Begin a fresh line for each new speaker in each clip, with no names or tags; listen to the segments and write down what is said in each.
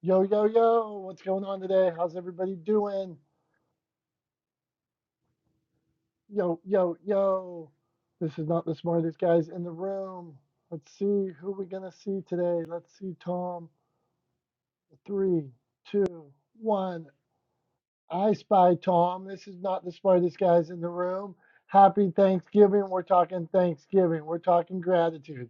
Yo, yo, yo, what's going on today? How's everybody doing? Yo, yo, yo. This is not the smartest guys in the room. Let's see who we're going to see today. Let's see Tom. Three, two, one. I spy Tom. This is not the smartest guys in the room. Happy Thanksgiving. We're talking Thanksgiving. We're talking gratitude.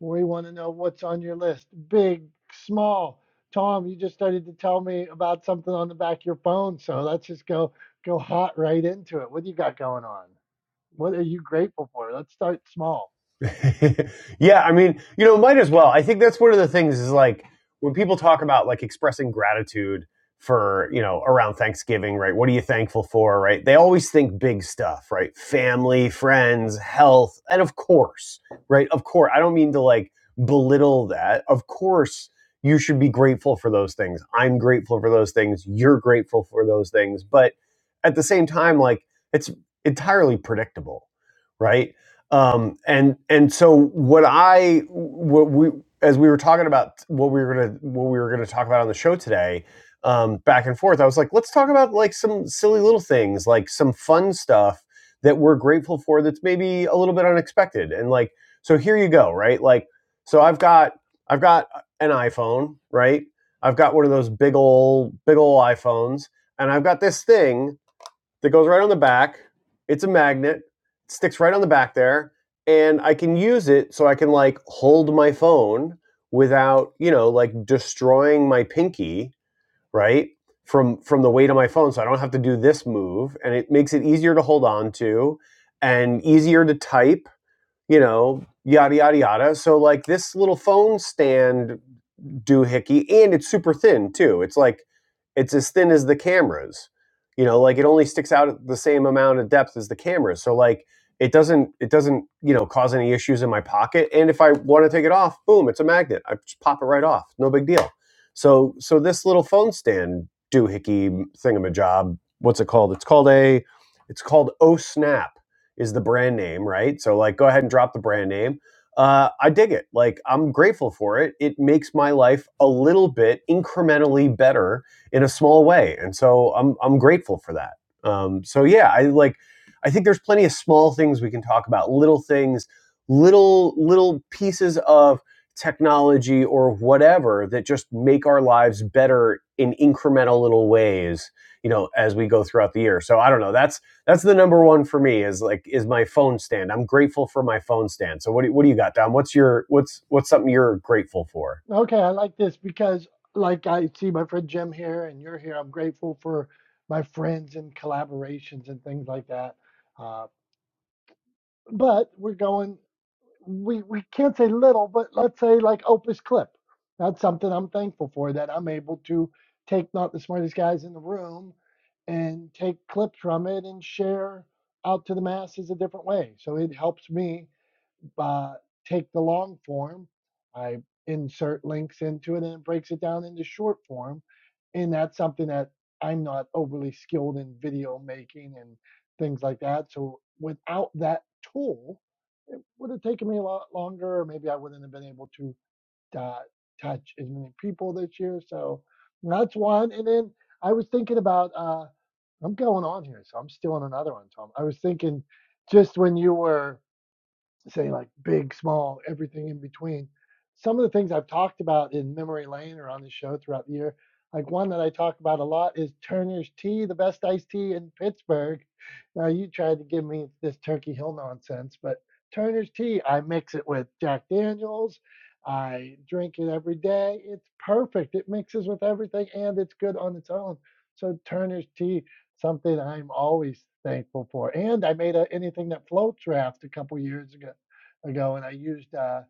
We want to know what's on your list, big, small. Tom, you just started to tell me about something on the back of your phone, so let's just go go hot right into it. What do you got going on? What are you grateful for? Let's start small.
yeah, I mean, you know, might as well. I think that's one of the things is like when people talk about like expressing gratitude for, you know, around Thanksgiving, right? What are you thankful for, right? They always think big stuff, right? Family, friends, health, and of course, right? Of course, I don't mean to like belittle that. Of course, you should be grateful for those things. I'm grateful for those things. You're grateful for those things. But at the same time, like it's entirely predictable, right? um, and and so what I what we as we were talking about what we were gonna what we were gonna talk about on the show today, um, back and forth, I was like, let's talk about like some silly little things, like some fun stuff that we're grateful for that's maybe a little bit unexpected, and like so here you go, right? Like so I've got I've got an iPhone, right? I've got one of those big old big old iPhones, and I've got this thing that goes right on the back. It's a magnet, it sticks right on the back there, and I can use it so I can like hold my phone without, you know, like destroying my pinky, right? From from the weight of my phone, so I don't have to do this move, and it makes it easier to hold on to and easier to type you know, yada yada yada. So like this little phone stand doohickey, and it's super thin too. It's like it's as thin as the cameras. You know, like it only sticks out at the same amount of depth as the cameras. So like it doesn't it doesn't you know cause any issues in my pocket. And if I want to take it off, boom, it's a magnet. I just pop it right off. No big deal. So so this little phone stand doohickey thingamajob, what's it called? It's called a it's called O Snap is the brand name, right? So like, go ahead and drop the brand name. Uh, I dig it. Like, I'm grateful for it. It makes my life a little bit incrementally better in a small way, and so I'm I'm grateful for that. Um, so yeah, I like. I think there's plenty of small things we can talk about, little things, little little pieces of technology or whatever that just make our lives better in incremental little ways you know as we go throughout the year so i don't know that's that's the number one for me is like is my phone stand. I'm grateful for my phone stand. So what do, what do you got, Dom? What's your what's what's something you're grateful for?
Okay, I like this because, like, I see my friend Jim here and you're here. I'm grateful for my friends and collaborations and things like that. Uh, but we're going. we we can't say little, but let's say like Opus Clip. That's something I'm thankful for that I'm able to take not the smartest guys in the room and take clips from it and share out to the masses a different way. So it helps me uh, take the long form, I insert links into it, and it breaks it down into short form. And that's something that I'm not overly skilled in video making and things like that. So without that tool, it would have taken me a lot longer, or maybe I wouldn't have been able to uh, touch as many people this year. So that's one. And then I was thinking about, uh, I'm going on here, so I'm stealing another one, Tom. I was thinking just when you were say like big, small, everything in between. Some of the things I've talked about in memory lane or on the show throughout the year, like one that I talk about a lot is Turner's Tea, the best iced tea in Pittsburgh. Now you tried to give me this Turkey Hill nonsense, but Turner's Tea, I mix it with Jack Daniels. I drink it every day. It's perfect. It mixes with everything and it's good on its own. So Turner's Tea, something I'm always thankful for. And I made a anything that floats raft a couple years ago ago, and I used uh,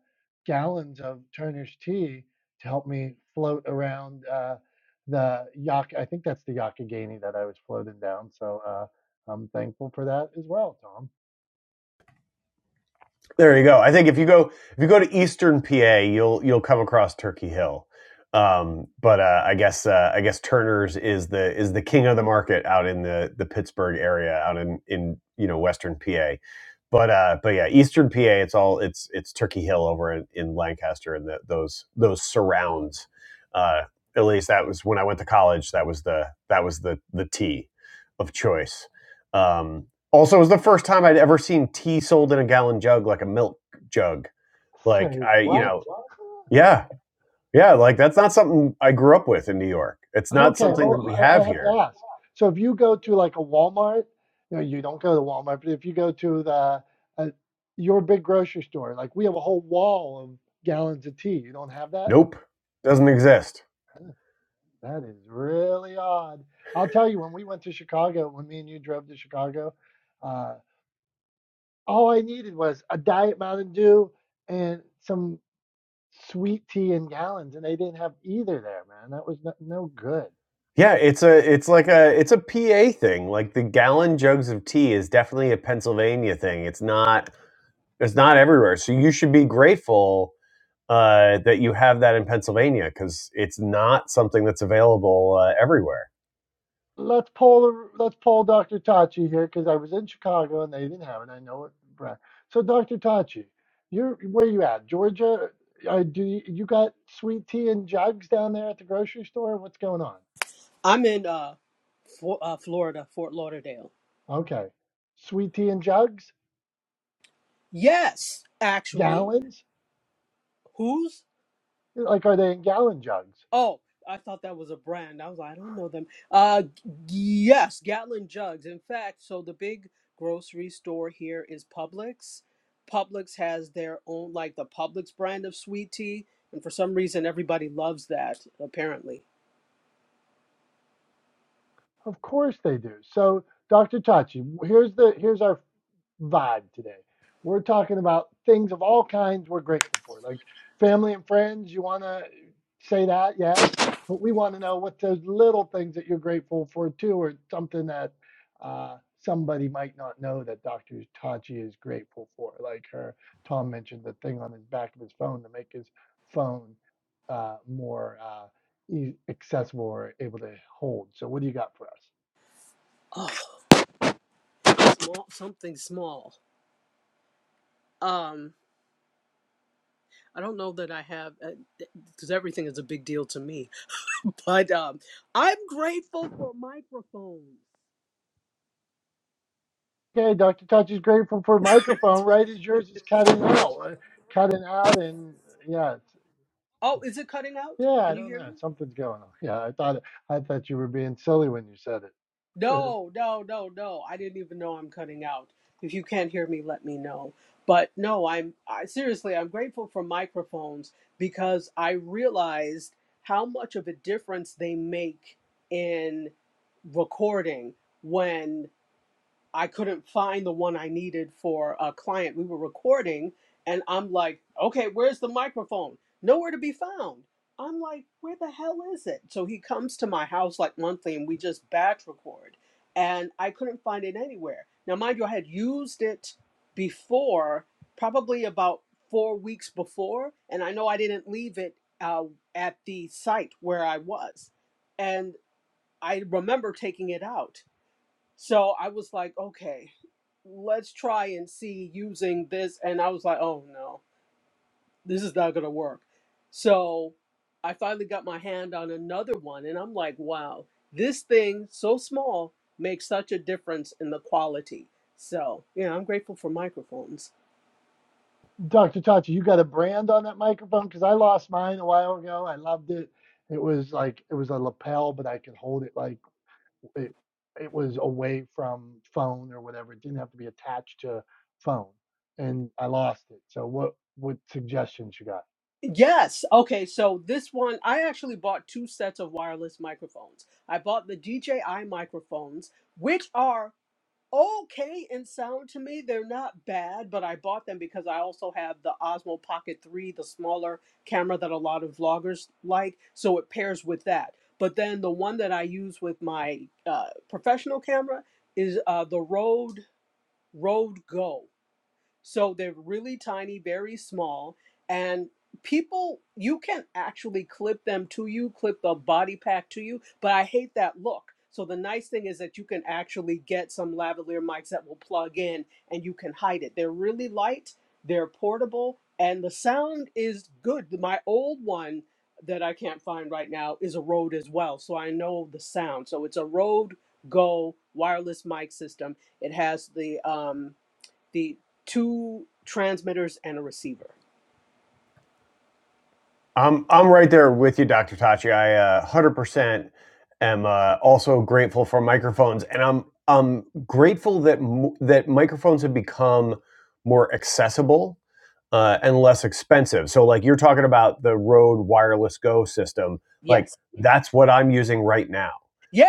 gallons of Turner's tea to help me float around uh, the Yak. I think that's the Yakagani that I was floating down. So uh, I'm thankful for that as well, Tom.
There you go. I think if you go if you go to Eastern PA, you'll you'll come across Turkey Hill. Um, but uh, I guess uh, I guess Turner's is the is the king of the market out in the the Pittsburgh area, out in in you know Western PA. But uh, but yeah, Eastern PA, it's all it's it's Turkey Hill over in, in Lancaster and the, those those surrounds. Uh, at least that was when I went to college. That was the that was the the tea of choice. Um, also, it was the first time I'd ever seen tea sold in a gallon jug, like a milk jug. Like
Say
I, you
what?
know, yeah, yeah, like that's not something I grew up with in New York. It's not
Okay,
something that
well,
we
I, I
have
have
here.
to ask. So if you go to like a Walmart, no, you don't go to Walmart, but if you go to the uh, your big grocery store, like we have a whole wall of gallons of tea. You don't have that?
Nope, doesn't exist.
That is really odd. I'll tell you, when we went to Chicago, when me and you drove to Chicago, uh, all I needed was a Diet Mountain Dew and some sweet tea in gallons, and they didn't have either there, man. That was no, no good.
Yeah, it's a, it's like a, it's a PA thing. Like the gallon jugs of tea is definitely a Pennsylvania thing. It's not, it's not everywhere. So you should be grateful uh, that you have that in Pennsylvania because it's not something that's available uh, everywhere.
Let's pull the let's pull Dr. Tachi here because I was in Chicago and they didn't have it. I know it. Brad. So Dr. Tachi, you're where you at? Georgia? Uh, do you, you got sweet tea in jugs down there at the grocery store? What's going on?
I'm in uh, for, uh Florida, Fort Lauderdale.
Okay. Sweet tea in jugs?
Yes, actually.
Gallons?
Who's?
Like, are they in gallon jugs?
Oh, I thought that was a brand. I was like, I don't know them. Uh, g- yes, Gatlin jugs. In fact, so the big grocery store here is Publix. Publix has their own, like the Publix brand of sweet tea, and for some reason, everybody loves that. Apparently,
Of course they do. So, Dr. Tachi, here's the here's our vibe today. We're talking about things of all kinds we're grateful for, like family and friends. You want to say that, yes, but we want to know what those little things that you're grateful for too, or something that uh, somebody might not know that Dr. Tachi is grateful for. Like her, Tom mentioned the thing on his back of his phone to make his phone uh, more uh, ea- accessible or able to hold. So, what do you got for us?
oh, small, something small. Um, I don't know that I have, because everything is a big deal to me But um, I'm grateful for
Okay, Dr. Touch is grateful for
microphones.
microphone, right? As yours is cutting out, uh, cutting out, and yeah, it's,
Oh, is it cutting out?
yeah. I
Can you
don't
hear
know,
me?
something's going on. Yeah, I thought I thought you were being silly when you said it. Uh,
No, no, no, no. I didn't even know I'm cutting out. If you can't hear me, let me know. But no, I'm I, seriously, I'm grateful for microphones because I realized how much of a difference they make in recording when I couldn't find the one I needed for a client. We were recording, and I'm like, okay, where's the microphone? Nowhere to be found. I'm like, where the hell is it? So he comes to my house like monthly, and we just batch record. And I couldn't find it anywhere. Now, mind you, I had used it before, probably about four weeks before, and I know I didn't leave it uh, at the site where I was. And I remember taking it out. So I was like, okay, let's try and see using this. And I was like, oh no, this is not going to work. So I finally got my hand on another one. And I'm like, wow, this thing so small makes such a difference in the quality. So yeah, I'm grateful for microphones.
Dr. Tachi, you got a brand on that microphone because I lost mine a while ago. I loved it. It was like it was a lapel, but I could hold it like. it, it was away from phone or whatever. It didn't have to be attached to phone, and I lost it. So what what suggestions you got?
Yes. Okay. So this one, I actually bought two sets of wireless microphones. I bought the DJI microphones, which are okay and sound to me. They're not bad, but I bought them because I also have the Osmo Pocket 3, the smaller camera that a lot of vloggers like, so it pairs with that. But then the one that I use with my uh, professional camera is uh, the Rode Rode Go. So they're really tiny, very small, and people you can actually clip them to you, clip the body pack to you, but I hate that look. So the nice thing is that you can actually get some lavalier mics that will plug in and you can hide it. They're really light, they're portable, and the sound is good. My old one that I can't find right now is a Rode as well, so I know the sound. So it's a Rode Go wireless mic system. It has the um the two transmitters and a receiver.
I'm I'm right there with you, Dr. Tachi. I uh, 100% am uh, also grateful for microphones, and I'm I'm grateful that m- that microphones have become more accessible uh, and less expensive. So, like you're talking about the Rode Wireless Go system, like
Yes.
that's what I'm using right now,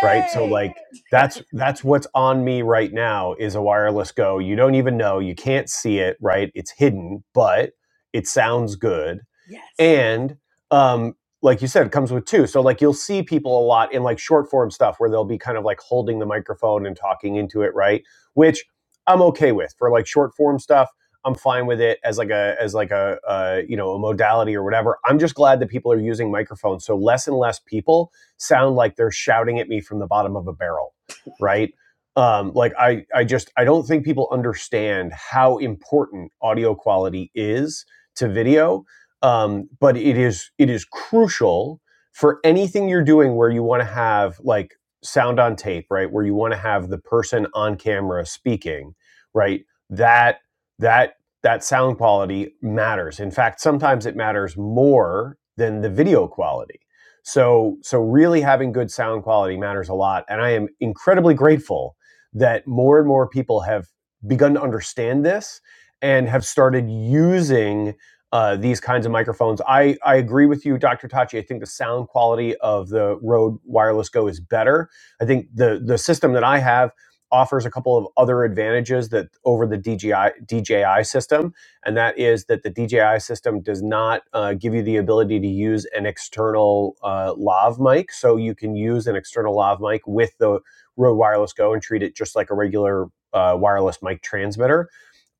right? So, like that's that's what's on me right now is a Wireless Go. You don't even know, you can't see it, right? It's hidden, but it sounds good
Yes.
and um, like you said, it comes with two. So like you'll see people a lot in like short form stuff where they'll be kind of like holding the microphone and talking into it, right? Which I'm okay with for like short form stuff. I'm fine with it as like a as like a uh, you know a modality or whatever. I'm just glad that people are using microphones, so less and less people sound like they're shouting at me from the bottom of a barrel, right? Um, like I I just I don't think people understand how important audio quality is to video um, but it is it is crucial for anything you're doing where you want to have like sound on tape right where you want to have the person on camera speaking right that that that sound quality matters in fact sometimes it matters more than the video quality so so really having good sound quality matters a lot and i am incredibly grateful that more and more people have begun to understand this and have started using uh, these kinds of microphones. I, I agree with you, Dr. Tachi. I think the sound quality of the Rode Wireless Go is better. I think the the system that I have offers a couple of other advantages that over the DJI DJI system, and that is that the DJI system does not uh, give you the ability to use an external uh, lav mic, so you can use an external lav mic with the Rode Wireless Go and treat it just like a regular uh, wireless mic transmitter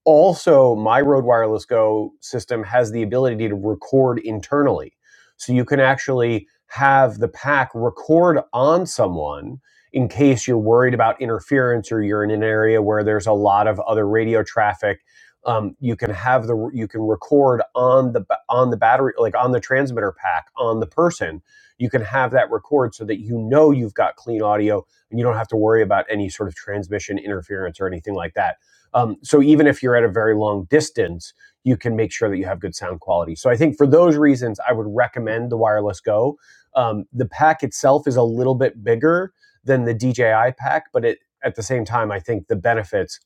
also my Rode Wireless Go system has the ability to record internally. So you can actually have the pack record on someone in case you're worried about interference or you're in an area where there's a lot of other radio traffic. Um, you can have the you can record on the on the battery like on the transmitter pack on the person. You can have that record so that you know you've got clean audio and you don't have to worry about any sort of transmission interference or anything like that um, so even if you're at a very long distance, you can make sure that you have good sound quality. So I think for those reasons, I would recommend the Wireless Go. Um, the pack itself is a little bit bigger than the DJI pack, but it, at the same time, I think the benefits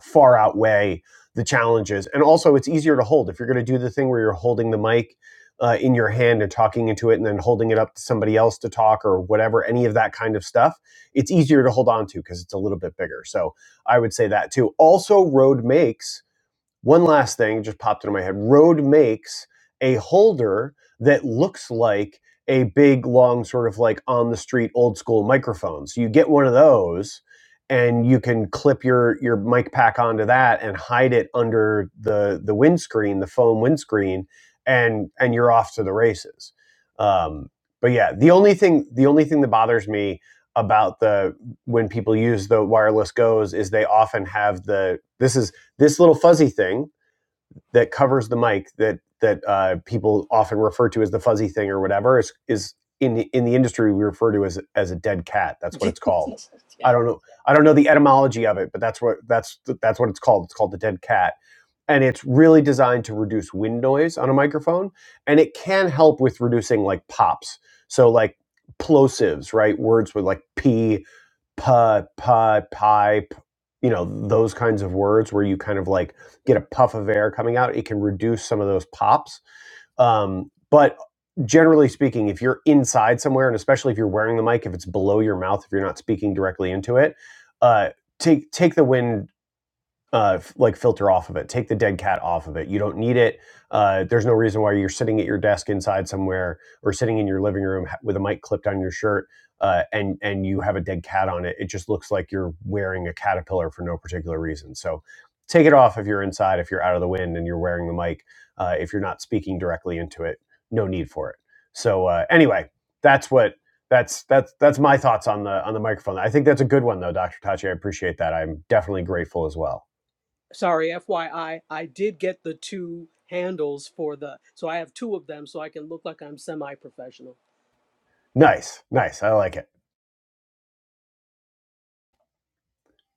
far outweigh the challenges. And also, it's easier to hold if you're going to do the thing where you're holding the mic uh, in your hand and talking into it, and then holding it up to somebody else to talk or whatever, any of that kind of stuff. It's easier to hold on to because it's a little bit bigger. So I would say that too. Also, Rode makes one last thing just popped into my head. Rode makes a holder that looks like a big, long, sort of like on the street old school microphone. So you get one of those and you can clip your your mic pack onto that and hide it under the the windscreen, the foam windscreen, and and you're off to the races. Um, but yeah, the only thing the only thing that bothers me about the when people use the wireless goes is they often have the this is this little fuzzy thing that covers the mic that that uh, people often refer to as the fuzzy thing or whatever is is in the, in the industry we refer to as as a dead cat. That's what it's called. I
yeah.
don't know. I don't know the etymology of it, but that's what that's that's what it's called. It's called the dead cat, and it's really designed to reduce wind noise on a microphone, and it can help with reducing like pops. So like plosives, right? Words with like p pu, pu, pipe, you know, those kinds of words where you kind of like get a puff of air coming out. It can reduce some of those pops. Um, but generally speaking, if you're inside somewhere, and especially if you're wearing the mic, if it's below your mouth, if you're not speaking directly into it, uh, take take the wind uh, f- like filter off of it. Take the dead cat off of it. You don't need it. Uh, there's no reason why you're sitting at your desk inside somewhere or sitting in your living room ha- with a mic clipped on your shirt uh, and and you have a dead cat on it. It just looks like you're wearing a caterpillar for no particular reason. So take it off if you're inside, if you're out of the wind and you're wearing the mic. Uh, if you're not speaking directly into it, no need for it. So uh, anyway, that's what that's that's that's my thoughts on the on the microphone. I think that's a good one though, Dr. Tachi. I appreciate that. I'm definitely grateful as well.
Sorry, FYI, I I did get the two handles for the so I have two of them so I can look like I'm semi-professional.
Nice, nice. I like it.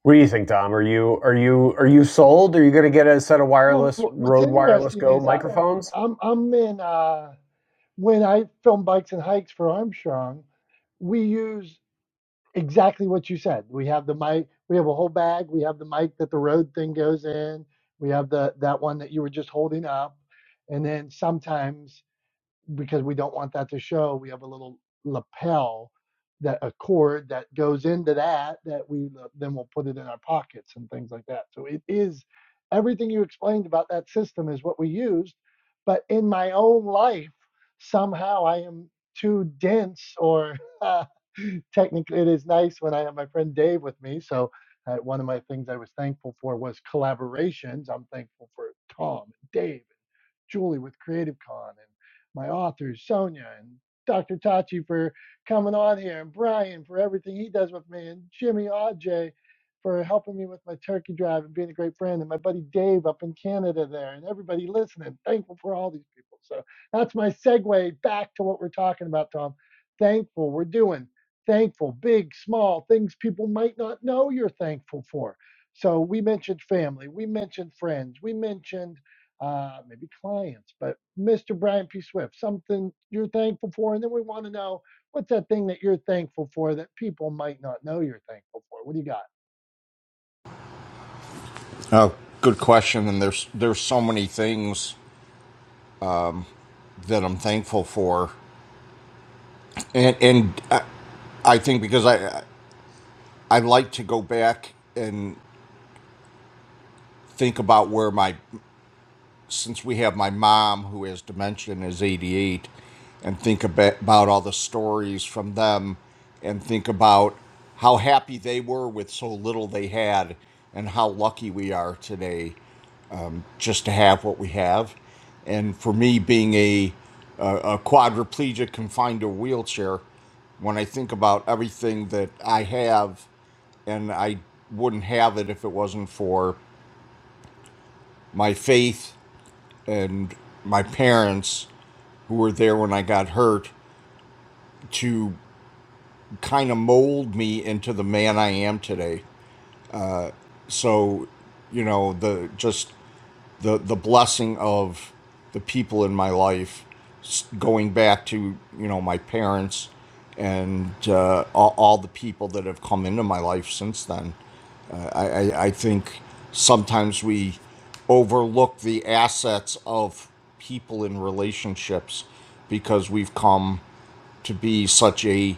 What do you think, Dom? Are you are you are you sold? Are you going to get a set of
Well,
wireless
what's
Rode Wireless
interesting
Go
is I,
microphones?
I'm I'm in uh, when I film bikes and hikes for Armstrong, we use exactly what you said. We have the mic, we have a whole bag, we have the mic that the road thing goes in, we have the that one that you were just holding up, and then sometimes because we don't want that to show. We have a little lapel that a cord that goes into that that we then we'll put it in our pockets and things like that. So it is everything you explained about that system is what we used, but in my own life somehow I am too dense or uh, technically it is nice when I have my friend Dave with me. So uh, one of my things I was thankful for was collaborations. I'm thankful for Tom, and Dave Julie with Creative Con and my authors, Sonia and Dr. Tachi for coming on here and Brian for everything he does with me and Jimmy Ajay for helping me with my turkey drive and being a great friend and my buddy Dave up in Canada there and everybody listening. Thankful for all these people. So that's my segue back to what we're talking about, Tom. Thankful we're doing. Thankful, big, small things people might not know you're thankful for. So we mentioned family, we mentioned friends, we mentioned uh, maybe clients, but Mr. Brian P. Swift, something you're thankful for. And then we want to know what's that thing that you're thankful for that people might not know you're thankful for? What do you got?
Oh, good question. And there's there's so many things that I'm thankful for, and and I, I think because I I like to go back and think about where my since we have my mom who has dementia and is 88, and think about, about all the stories from them, and think about how happy they were with so little they had, and how lucky we are today. just to have what we have. And for me, being a a, a quadriplegic confined to a wheelchair, when I think about everything that I have, and I wouldn't have it if it wasn't for my faith and my parents who were there when I got hurt to kind of mold me into the man I am today. So, you know, the just the the blessing of the people in my life, going back to you know my parents and uh, all, all the people that have come into my life since then. Uh, I, I I think sometimes we overlook the assets of people in relationships because we've come to be such a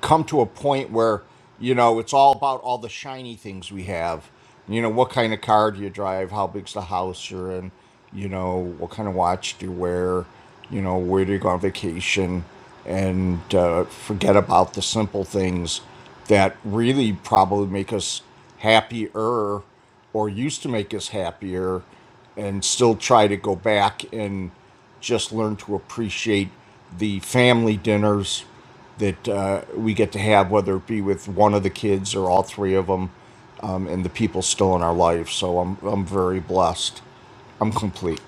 come to a point where you know it's all about all the shiny things we have you know what kind of car do you drive how big's the house you're in you know what kind of watch do you wear you know where do you go on vacation and uh, forget about the simple things that really probably make us happier or used to make us happier and still try to go back and just learn to appreciate the family dinners that uh, we get to have, whether it be with one of the kids or all three of them, um, and the people still in our life. So I'm, I'm very blessed. I'm complete.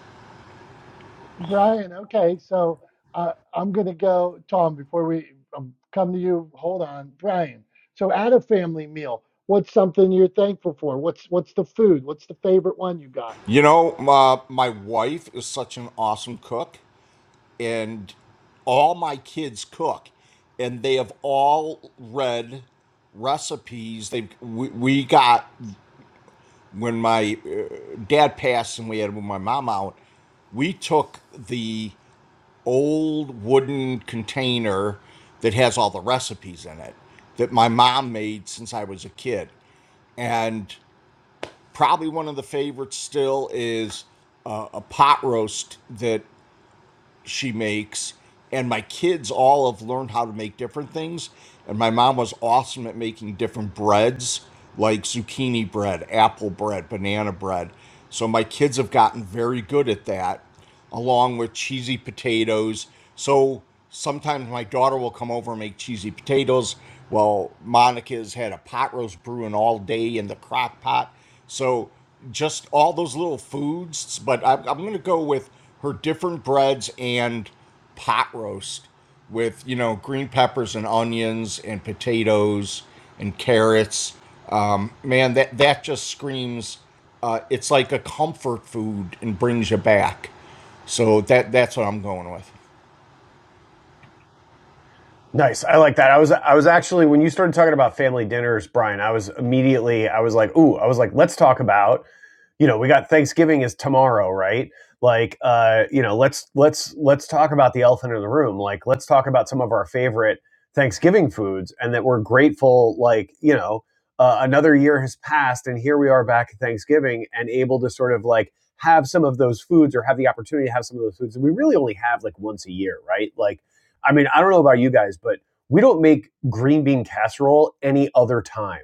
Brian, okay, so uh, I'm going to go, Tom, before we um, come to you, hold on. Brian, so at a family meal, what's something you're thankful for? What's what's the food? What's the favorite one you got?
You know, my, my wife is such an awesome cook. and all my kids cook and they have all read recipes they we, we got when my uh, dad passed and we had my mom out we took the old wooden container that has all the recipes in it that my mom made since I was a kid and probably one of the favorites still is uh, a pot roast that she makes and my kids all have learned how to make different things and my mom was awesome at making different breads like zucchini bread apple bread banana bread so my kids have gotten very good at that along with cheesy potatoes so sometimes my daughter will come over and make cheesy potatoes well monica's had a pot roast brewing all day in the crock pot so just all those little foods, but I'm, I'm going to go with her different breads and pot roast with, you know, green peppers and onions and potatoes and carrots. Um, man, that, that just screams, uh, it's like a comfort food and brings you back. So that that's what I'm going with.
Nice. I like that. I was I was actually when you started talking about family dinners, Brian, I was immediately I was like, "Ooh, I was like, let's talk about you know, we got Thanksgiving is tomorrow, right? Like, uh, you know, let's let's let's talk about the elephant in the room. Like, let's talk about some of our favorite Thanksgiving foods, and that we're grateful. Like, you know, uh, another year has passed, and here we are back at Thanksgiving, and able to sort of like have some of those foods or have the opportunity to have some of those foods that we really only have like once a year, right? Like, I mean, I don't know about you guys, but we don't make green bean casserole any other time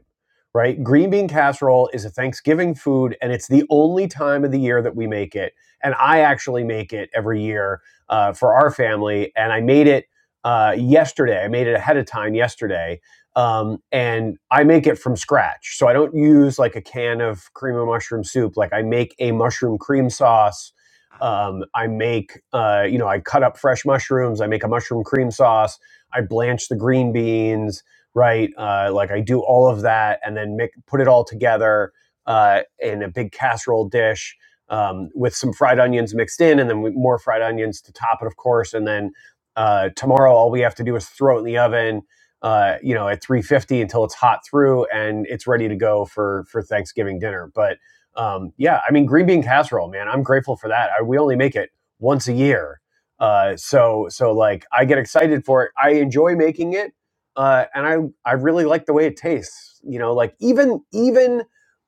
right? Green bean casserole is a Thanksgiving food, and it's the only time of the year that we make it. And I actually make it every year uh, for our family. And I made it uh, yesterday. I made it ahead of time yesterday. Um, and I make it from scratch. So I don't use like a can of cream of mushroom soup. Like I make a mushroom cream sauce. Um, I make, uh, you know, I cut up fresh mushrooms. I make a mushroom cream sauce. I blanch the green beans right? Uh, like I do all of that and then make, put it all together uh, in a big casserole dish um, with some fried onions mixed in, and then more fried onions to top it, of course. And then uh, tomorrow, all we have to do is throw it in the oven, uh, you know, at 350 until it's hot through, and it's ready to go for for Thanksgiving dinner. But um, yeah, I mean, green bean casserole, man, I'm grateful for that. I, we only make it once a year, uh, so so like I get excited for it. I enjoy making it uh, and I I really like the way it tastes. You know, like even even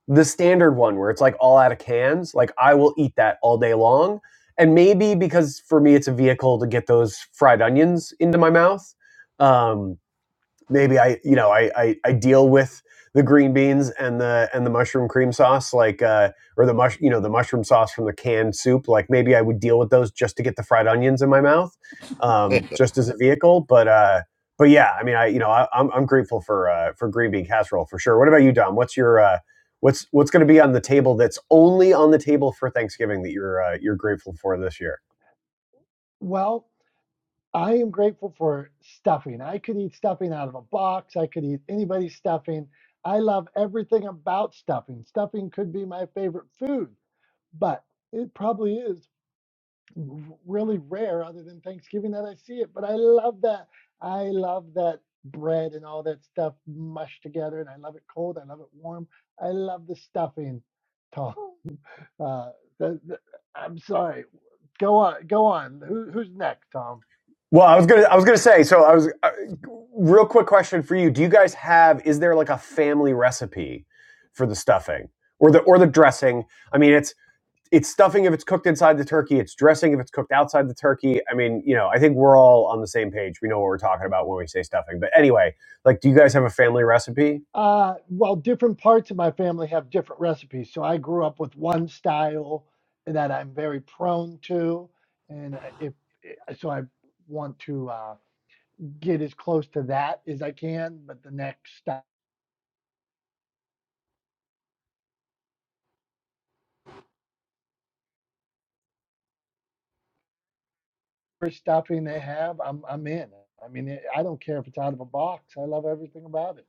the standard one where it's like all out of cans, like I will eat that all day long. And maybe because for me it's a vehicle to get those fried onions into my mouth. Um, maybe I you know I, I I deal with the green beans and the and the mushroom cream sauce like uh, or the mush you know the mushroom sauce from the canned soup like maybe I would deal with those just to get the fried onions in my mouth um, just as a vehicle but uh, but yeah I mean I you know I, I'm I'm grateful for uh, for green bean casserole for sure what about you Dom what's your uh, what's what's going to be on the table that's only on the table for Thanksgiving that you're uh, you're grateful for this year
Well, I am grateful for stuffing. I could eat stuffing out of a box. I could eat anybody's stuffing. I love everything about stuffing. Stuffing could be my favorite food, but it probably is r- really rare other than Thanksgiving that I see it. But I love that. I love that bread and all that stuff mushed together. And I love it cold. I love it warm. I love the stuffing, Tom. Uh, the, the, I'm sorry. Go on. Go on. Who, who's next, Tom?
Well, I was gonna, I was gonna say. So, I was uh, real quick question for you. Do you guys have? Is there like a family recipe for the stuffing or the or the dressing? I mean, it's it's stuffing if it's cooked inside the turkey. It's dressing if it's cooked outside the turkey. I mean, you know, I think we're all on the same page. We know what we're talking about when we say stuffing. But anyway, like, do you guys have a family recipe?
Uh, well, different parts of my family have different recipes. So I grew up with one style that I'm very prone to, and uh, if eh, so, I want to uh, get as close to that as I can. But the next stuff, stuffing they have, I'm I'm in. I mean, eh, I don't care if it's out of a box. I love everything about it.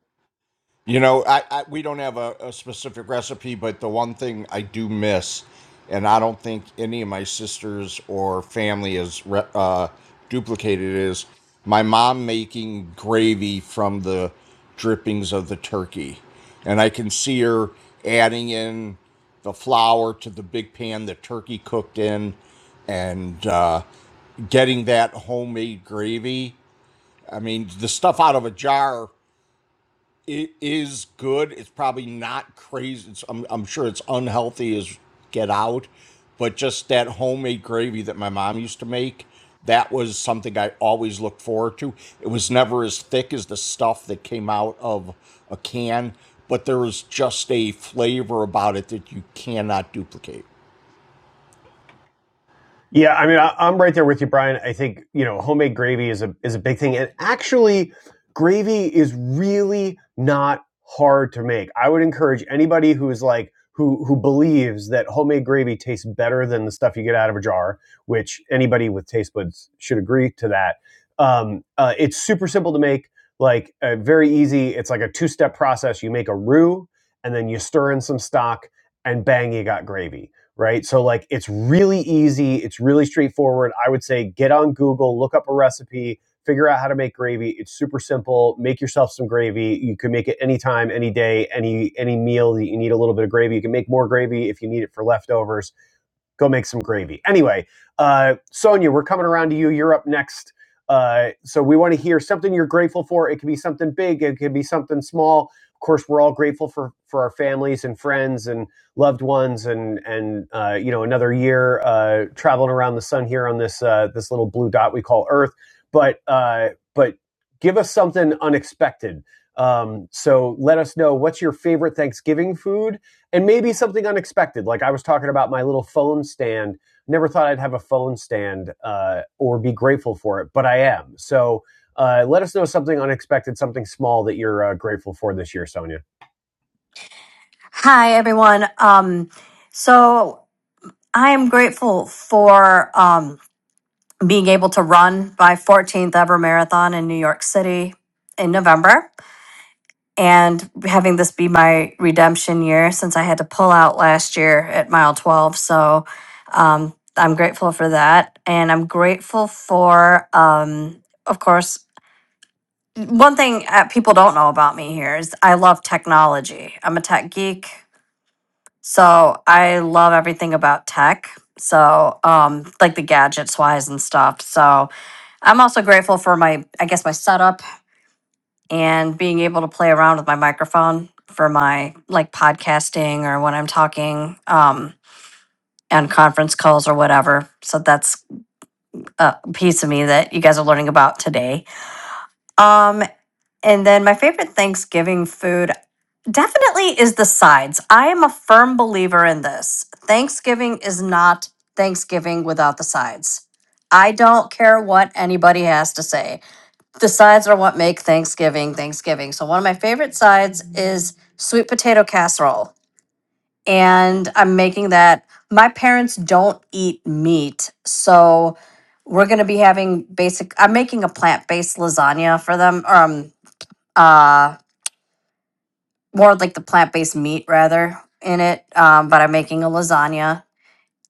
You know, I, I we don't have a, a specific recipe, but the one thing I do miss, and I don't think any of my sisters or family has re- uh, duplicated, is my mom making gravy from the drippings of the turkey, and I can see her adding in the flour to the big pan the turkey cooked in, and uh, getting that homemade gravy. I mean, the stuff out of a jar it is good. It's probably not crazy. It's, I'm, I'm sure it's unhealthy as get out, but just that homemade gravy that my mom used to make, that was something I always looked forward to. It was never as thick as the stuff that came out of a can, but there was just a flavor about it that you cannot duplicate.
Yeah, I mean, I, I'm right there with you, Brian. I think you know, homemade gravy is a is a big thing, and actually, gravy is really not hard to make. I would encourage anybody who is like who who believes that homemade gravy tastes better than the stuff you get out of a jar, which anybody with taste buds should agree to that. Um, uh, it's super simple to make, like uh, very easy. It's like a two step process. You make a roux, and then you stir in some stock, and bang, you got gravy right? So like it's really easy, it's really straightforward. I would say get on Google, look up a recipe, figure out how to make gravy. It's super simple. Make yourself some gravy. You can make it anytime, any day, any any meal that you need a little bit of gravy. You can make more gravy if you need it for leftovers go make some gravy. Anyway, uh, Sonia, we're coming around to you. You're up next. Uh, so we want to hear something you're grateful for. It could be something big. It could be something small. Of course, we're all grateful for for our families and friends and loved ones, and and uh, you know another year uh, traveling around the sun here on this uh, this little blue dot we call Earth. But uh, but give us something unexpected. Um, so let us know what's your favorite Thanksgiving food and maybe something unexpected. Like I was talking about my little phone stand. Never thought I'd have a phone stand uh, or be grateful for it, but I am. So uh, let us know something unexpected, something small that you're uh, grateful for this year, Sonia.
Hi, everyone. Um, so I am grateful for um, being able to run my 14th ever marathon in New York City in November and having this be my redemption year since I had to pull out last year at mile 12. So um, I'm grateful for that. And I'm grateful for, um, of course, one thing uh, people don't know about me here is I love technology. I'm a tech geek. So I love everything about tech. So, um, like the gadgets wise and stuff. So I'm also grateful for my, I guess, my setup and being able to play around with my microphone for my like podcasting or when I'm talking um, on conference calls or whatever. So that's a piece of me that you guys are learning about today. Um, And then my favorite Thanksgiving food definitely is the sides. I am a firm believer in this. Thanksgiving is not Thanksgiving without the sides. I don't care what anybody has to say. The sides are what make Thanksgiving Thanksgiving. So one of my favorite sides is sweet potato casserole. And I'm making that. My parents don't eat meat. So we're going to be having basic I'm making a plant-based lasagna for them Or um uh more like the plant-based meat rather in it um, but i'm making a lasagna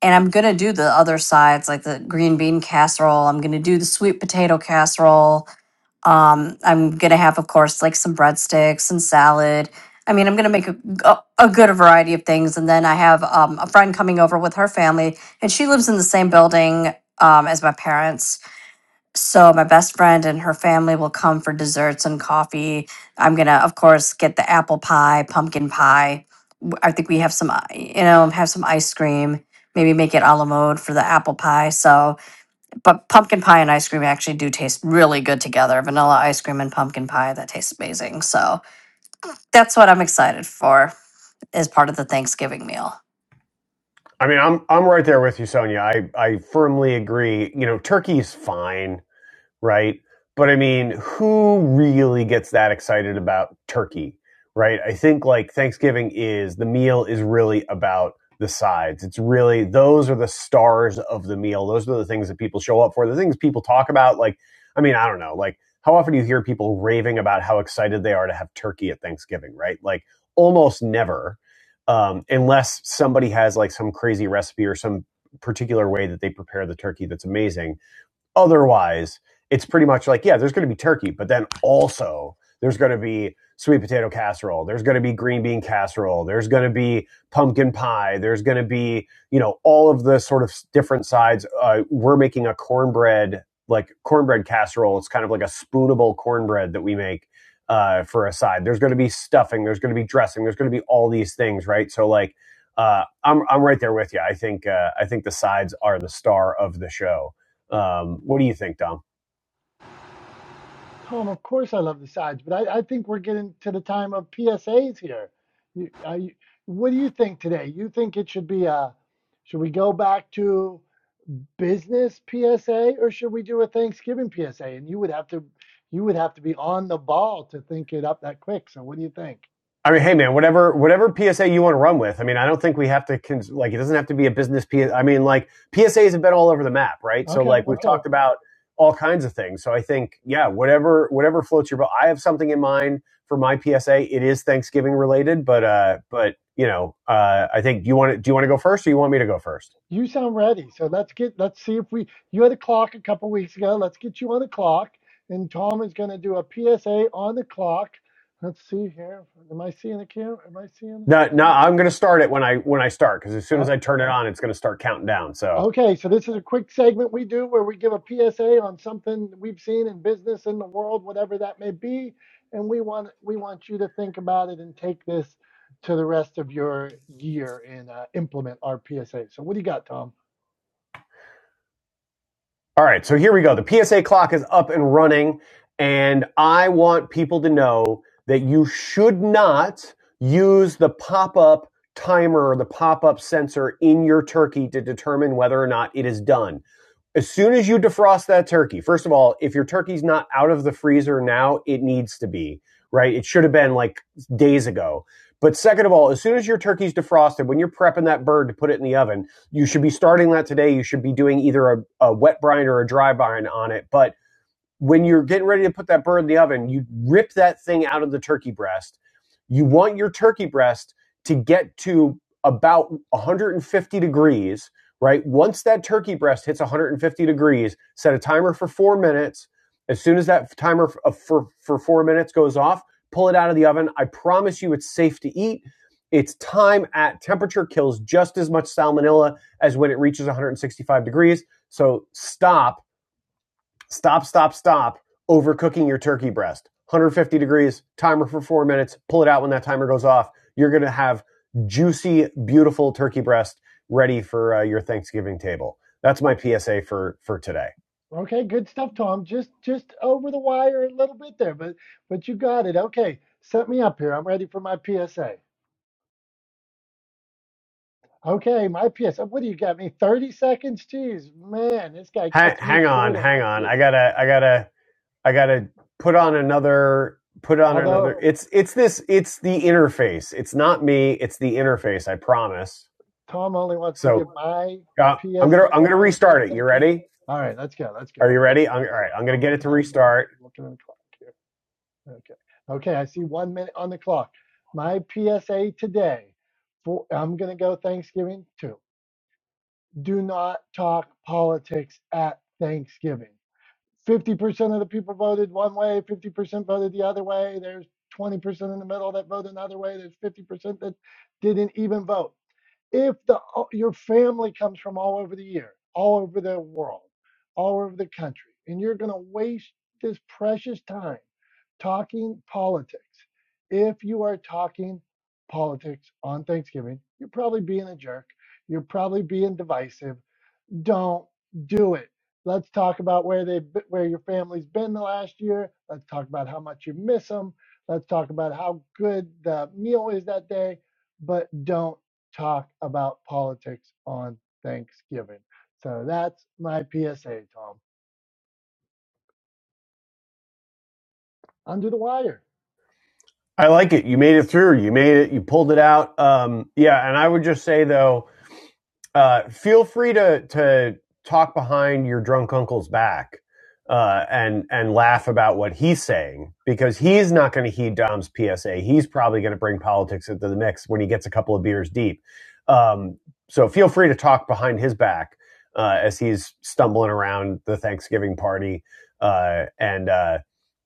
and i'm gonna do the other sides like the green bean casserole i'm gonna do the sweet potato casserole um, i'm gonna have of course like some breadsticks and salad i mean i'm gonna make a, a, a good variety of things and then i have um, a friend coming over with her family and she lives in the same building um, as my parents so my best friend and her family will come for desserts and coffee. I'm gonna, of course, get the apple pie, pumpkin pie. W- I think we have some, i- you know, have some ice cream. Maybe make it a la mode for the apple pie. So, but pumpkin pie and ice cream actually do taste really good together. Vanilla ice cream and pumpkin pie that tastes amazing. So that's what I'm excited for as part of the Thanksgiving meal.
I mean, I'm I'm right there with you, Sonia. I I firmly agree. You know, turkey's fine. right? But I mean, who really gets that excited about turkey, right? I think like Thanksgiving is the meal is really about the sides. It's really those are the stars of the meal. Those are the things that people show up for. The things people talk about like I mean, I don't know. Like how often do you hear people raving about how excited they are to have turkey at Thanksgiving, right? Like almost never. Um, unless somebody has like some crazy recipe or some particular way that they prepare the turkey that's amazing Otherwise, it's pretty much like, yeah, there's going to be turkey, but then also there's going to be sweet potato casserole. There's going to be green bean casserole. There's going to be pumpkin pie. There's going to be, you know, all of the sort of different sides. Uh, we're making a cornbread, like cornbread casserole. It's kind of like a spoonable cornbread that we make uh, for a side. There's going to be stuffing. There's going to be dressing. There's going to be all these things, right? So, like, uh, I'm I'm right there with you. I think uh, I think the sides are the star of the show um, what do you think, Dom?
Tom, of course I love the sides, but I, I think we're getting to the time of PSAs here. You, I, you- what do you think today? You think it should be a, should we go back to business PSA or should we do a Thanksgiving PSA? And you would have to, you would have to be on the ball to think it up that quick. So what do you think?
I mean, hey man, whatever whatever PSA you want to run with. I mean, I don't think we have to cons- like it doesn't have to be a business PSA. I mean, like PSAs have been all over the map, right? So
Okay,
like we've
okay.
talked about all kinds of things. So I think yeah, whatever whatever floats your boat. I have something in mind for my PSA. It is Thanksgiving related, but uh, but you know, uh, I think do you want to, do you want to go first, or you want me to go first?
You sound ready. So let's get let's see if we you had a clock a couple weeks ago. Let's get you on a clock. And Tom is going to do a PSA on the clock. Let's see here. Am I seeing the camera? Am I seeing?
No, no, I'm going to start it when I when I start because as soon
Uh,
as I turn it on, it's going to start counting down. So
okay, so this is a quick segment we do where we give a PSA on something we've seen in business in the world, whatever that may be, and we want we want you to think about it and take this to the rest of your year and uh, implement our PSA. So what do you got, Tom?
All right, so here we go. The PSA clock is up and running, and I want people to know that you should not use the pop up timer or the pop up sensor in your turkey to determine whether or not it is done. As soon as you defrost that turkey, first of all, if your turkey's not out of the freezer now, it needs to be, right? It should have been like days ago. But second of all, as soon as your turkey's defrosted, when you're prepping that bird to put it in the oven, you should be starting that today. You should be doing either a, a wet brine or a dry brine on it. But when you're getting ready to put that bird in the oven, you rip that thing out of the turkey breast. You want your turkey breast to get to about 150 degrees, right? Once that turkey breast hits 150 degrees, set a timer for four minutes. As soon as that timer f- uh, for, for four minutes goes off, pull it out of the oven. I promise you it's safe to eat. Its time at temperature kills just as much salmonella as when it reaches 165 degrees. So stop Stop, stop, stop overcooking your turkey breast. 150 degrees, timer for four minutes, pull it out when that timer goes off. You're going to have juicy, beautiful turkey breast ready for uh, your Thanksgiving table. That's my PSA for for today.
Okay, good stuff, Tom. Just just over the wire a little bit there, but but you got it. Okay, set me up here. I'm ready for my PSA. Okay, my PSA. What do you got me? 30 seconds? Jeez, man, this guy
Ha-
cuts
hang
me
on,
short on
hang
my
on.
PSA.
I gotta, I gotta, I gotta put on another, put on
Although
another. It's it's this, it's the interface. It's not me. It's the interface. I promise.
Tom only wants to
So
give my
uh, I'm
PSA
gonna I'm gonna
19
restart it. You
seconds.
ready?
All right, let's go. Let's go.
Are you
I'm ready
ready? I'm,
for
all
this. So
right, I'm going
I'm,
to
I'm
get it
looking
to
at the clock.
restart.
I'm looking at the clock here. Okay. Okay, I see one minute on the clock. My PSA today. For, I'm gonna go Thanksgiving too. do not talk politics at Thanksgiving. 50% of the people voted one way, 50% voted the other way. There's 20% in the middle that voted another way. There's 50% that didn't even vote. If the your family comes from all over the year, all over the world, all over the country, and you're going to waste this precious time talking politics. If you are talking politics on Thanksgiving, you're probably being a jerk. You're probably being divisive don't do it. Let's talk about where they where your family's been the last year. Let's talk about how much you miss them. Let's talk about how good the meal is that day, but don't talk about politics on Thanksgiving. So that's my PSA, Tom. Under the wire.
I like it. You made it through. You made it. You pulled it out. Um, yeah, and I would just say though, uh, feel free to to talk behind your drunk uncle's back uh, and and laugh about what he's saying because he's not going to heed Dom's PSA. He's probably going to bring politics into the mix when he gets a couple of beers deep. Um, so feel free to talk behind his back uh, as he's stumbling around the Thanksgiving party uh, and. Uh,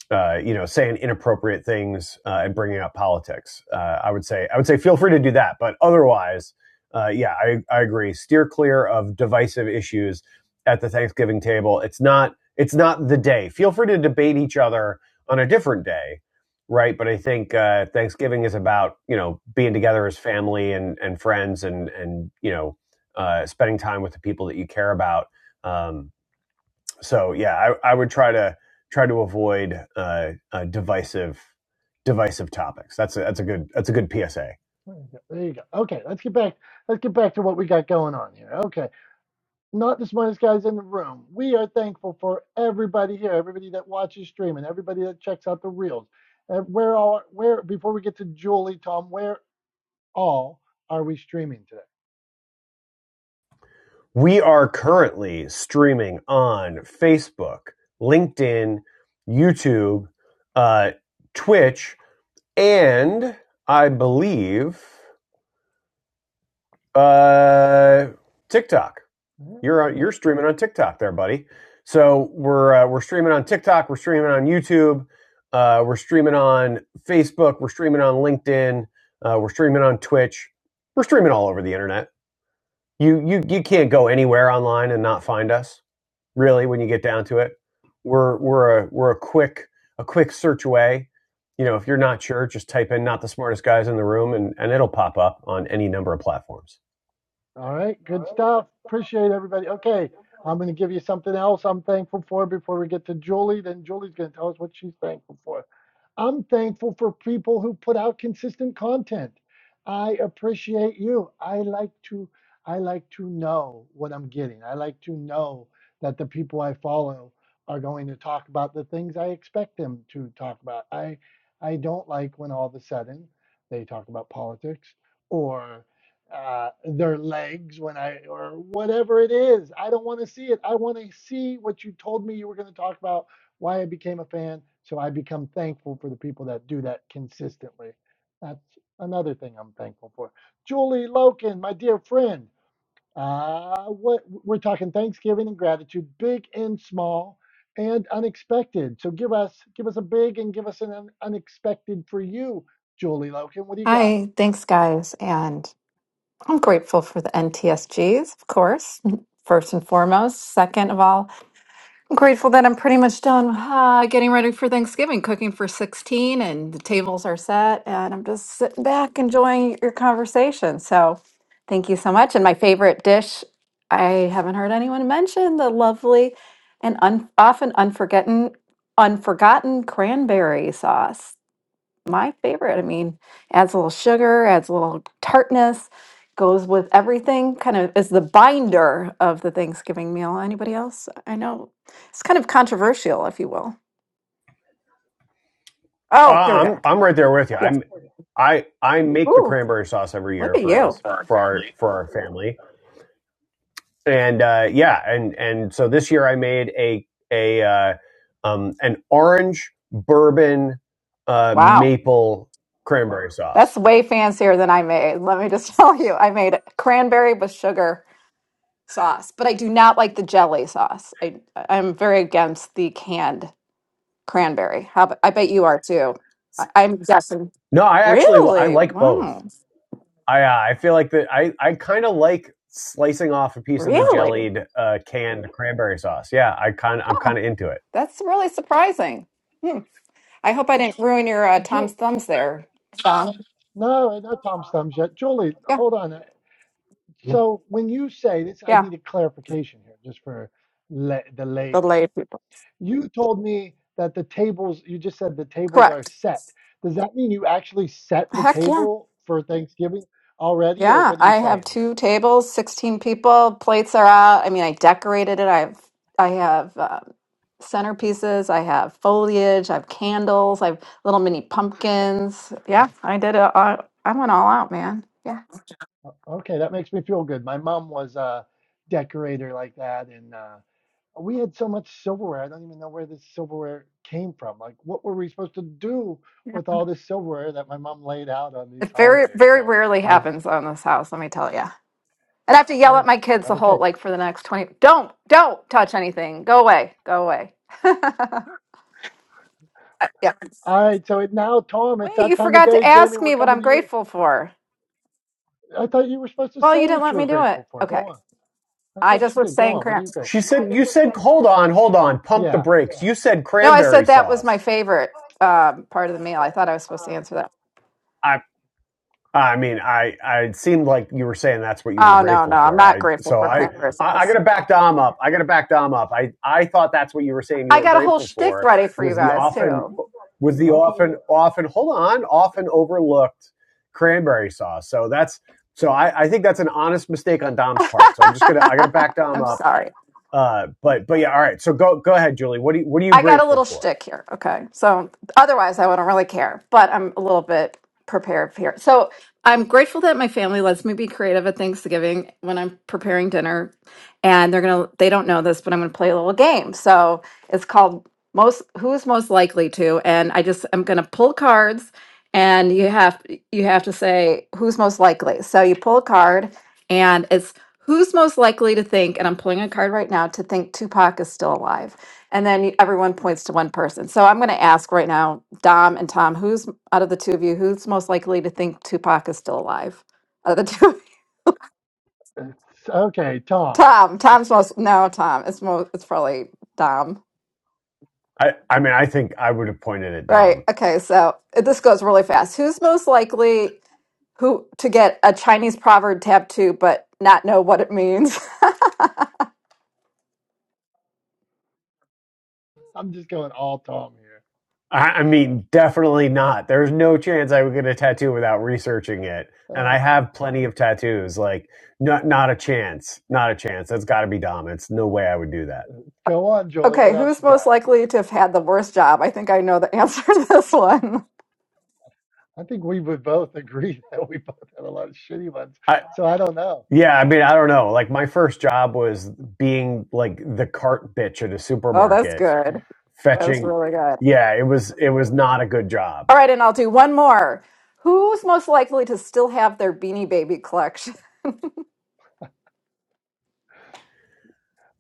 uh, you know, saying inappropriate things uh, and bringing up politics. Uh, I would say, I would say, feel free to do that. But otherwise, uh, yeah, I, I agree. Steer clear of divisive issues at the Thanksgiving table. It's not, it's not the day. Feel free to debate each other on a different day, right? But I think uh, Thanksgiving is about you know being together as family and and friends and and you know uh, spending time with the people that you care about. Um, so yeah, I, I would try to try to avoid uh, uh, divisive divisive topics. That's a, that's a good that's a good PSA.
There you go. There you go. Okay, let's get back. Let's get back to what we got going on here. Okay. not the smartest guys in the room. We are thankful for everybody here, everybody that watches streaming, everybody that checks out the reels. And where all where before we get to Julie, Tom, where all are we streaming today?
We are currently streaming on Facebook, LinkedIn, YouTube, uh, Twitch, and I believe uh, TikTok. You're
Yeah.
you're streaming on TikTok there, buddy. So we're uh, we're streaming on TikTok. We're streaming on YouTube. Uh, we're streaming on Facebook. We're streaming on LinkedIn. Uh, we're streaming on Twitch. We're streaming all over the internet. You you you can't go anywhere online and not find us. Really, when you get down to it, we're we're a we're a quick a quick search away. You know, if you're not sure, just type in "not the smartest guys in the room" and and it'll pop up on any number of platforms.
All right, good stuff. Appreciate everybody. Okay, I'm going to give you something else I'm thankful for before we get to Julie. Then Julie's going to tell us what she's thankful for. I'm thankful for people who put out consistent content. I appreciate you. I like to I like to know what I'm getting. I like to know that the people I follow are going to talk about the things I expect them to talk about. I I don't like when all of a sudden they talk about politics or uh, their legs when I or whatever it is. I don't want to see it. I want to see what you told me you were going to talk about why I became a fan. So I become thankful for the people that do that consistently. That's another thing I'm thankful for. Julie Loken, my dear friend. Uh, what we're talking Thanksgiving and gratitude, big and small, and unexpected. So give us give us a big and give us an un- unexpected for you, Julie Loken. What do you got?
Hi, thanks, guys. And I'm grateful for the NTSGs, of course, first and foremost. Second of all, I'm grateful that I'm pretty much done uh, getting ready for Thanksgiving, cooking for 16, and the tables are set. And I'm just sitting back enjoying your conversation. So thank you so much. And my favorite dish, I haven't heard anyone mention the lovely and un- often unforgotten, unforgotten cranberry sauce my favorite. I mean, adds a little sugar, adds a little tartness, goes with everything. Kind of is the binder of the Thanksgiving meal. Anybody else? I know it's kind of controversial, if you will.
Uh,
Oh, here we go.
I'm I'm right there with you.
Yeah.
I'm I I make the
Ooh,
cranberry sauce every
look
year
at
for
you.
us for our for our family, and uh, yeah, and and so this year I made a a uh, um, an orange bourbon uh,
Wow.
maple cranberry sauce.
That's way fancier than I made. Let me just tell you, I made cranberry with sugar sauce, but I do not like the jelly sauce. I, I'm very against the canned cranberry. How, ab- I bet you are too. I- I'm guessing.
No, I actually I
Really?
like both.
Wow.
I uh, I feel like that I I kind of like slicing off a piece of the
Really?
jellied uh, canned cranberry sauce. Yeah, I kind I'm
Huh.
kind of into it.
That's really surprising. Hmm. I hope I didn't ruin your uh,
Ju-
Tom's thumbs there, Sean.
no, not Tom's thumbs yet. Julie,
Yeah,
hold on. uh, So when you say this, I
yeah.
need a clarification here, just for la the lay
The
people
lay people.
You told me that the tables, you just said the tables are
Correct.
set. Does that mean you actually set the
Heck yeah.
table for Thanksgiving already, or
Yeah,
what are you
I have
saying here?
two tables, 16 people, plates are out. I mean, I decorated it. I have I have uh, centerpieces, I have foliage, I have candles, I have little mini pumpkins. Yeah, I did it. All, I went all out, man. Yeah.
Okay, that makes me feel good. My mom was a decorator like that, and uh, we had so much silverware. I don't even know where this silverware came from. Like, what were we supposed to do
Yeah.
with all this silverware that my mom laid out on these
It very
holidays?
very
So
rarely
I,
happens on this house, let me tell you. I'd have to yell
yeah,
at my kids the
okay.
whole like for the next twenty. Don't don't touch anything. Go away. Go away. Uh, yeah.
All right, so it, now, Tom, it's
Wait,
that
you
time of
forgot
day.
to
Jamie,
ask
we're
me what
coming
I'm
to you.
grateful for.
I thought you were supposed to
Well, you
say
didn't
what you
let
were
me do it.
grateful for. Go
Okay.
on. I
I
thought
just
you
was
did. Go
saying
on. What are
crap.
you grateful
She
for?
said, "You said, hold on, hold on, pump the
Yeah.
brakes." You said
No, I
cranberry
said that was my
sauce.
favorite um, part of the meal. I thought I was supposed to answer that.
I, I mean, I, I it seemed like you were saying that's what you were
Oh no,
grateful
no, I'm
for.
not
I,
grateful
so
for
I,
cranberry
I, I
sauce.
gotta back Dom up. I gotta back Dom up. I, I thought that's what you were saying you
I
were
got a whole
grateful
shtick
for
ready for you
was the
guys
often,
too.
was the
Okay.
often, often, hold on, often overlooked cranberry sauce. So that's, so I, I think that's an honest mistake on Dom's part. So I'm just gonna, I gotta back Dom
I'm
up.
sorry.
Uh, but, but yeah, all right. So go, go ahead, Julie. What do you, what are you
I got a
grateful
little
for?
shtick here. Okay. So otherwise, I wouldn't really care, but I'm a little bit prepared here. So I'm grateful that my family lets me be creative at Thanksgiving when I'm preparing dinner. And they're going to, they don't know this, but I'm going to play a little game. So it's called most, who's most likely to. And I just, I'm going to pull cards and you have, you have to say who's most likely. So you pull a card and it's who's most likely to think, and I'm pulling a card right now to think Tupac is still alive. And then you- everyone points to one person. So I'm going to ask right now, Dom and Tom, who's out of the two of you, who's most likely to think Tupac is still alive? Out of the two, of you?
Okay, Tom.
Tom. Tom's most no, Tom. It's most. It's probably Dom.
I, I mean, I think I would have pointed at
Right.
Dom.
Okay. So uh, this goes really fast. Who's most likely who to get a Chinese proverb tattoo but not know what it means?
I'm just going all Tom here.
I, I mean, definitely not. There's no chance I would get a tattoo without researching it. And
Uh,
I have plenty of tattoos. Like, not not a chance. Not a chance. That's got to be Dom. It's no way I would do that.
go on, Jolie. What
okay.
else
Who's
you
most
got?
likely to have had the worst job? I think I know the answer to this one.
I think we would both agree that we both had a lot of shitty ones.
I
So I don't know.
yeah. I mean, I don't know. Like, my first job was being like the cart bitch at a
Oh, that's
supermarket,
good. That's
fetching.
really good.
Yeah, it was it was not a good job
All right, and I'll do one more. Who's most likely to still have their Beanie Baby collection?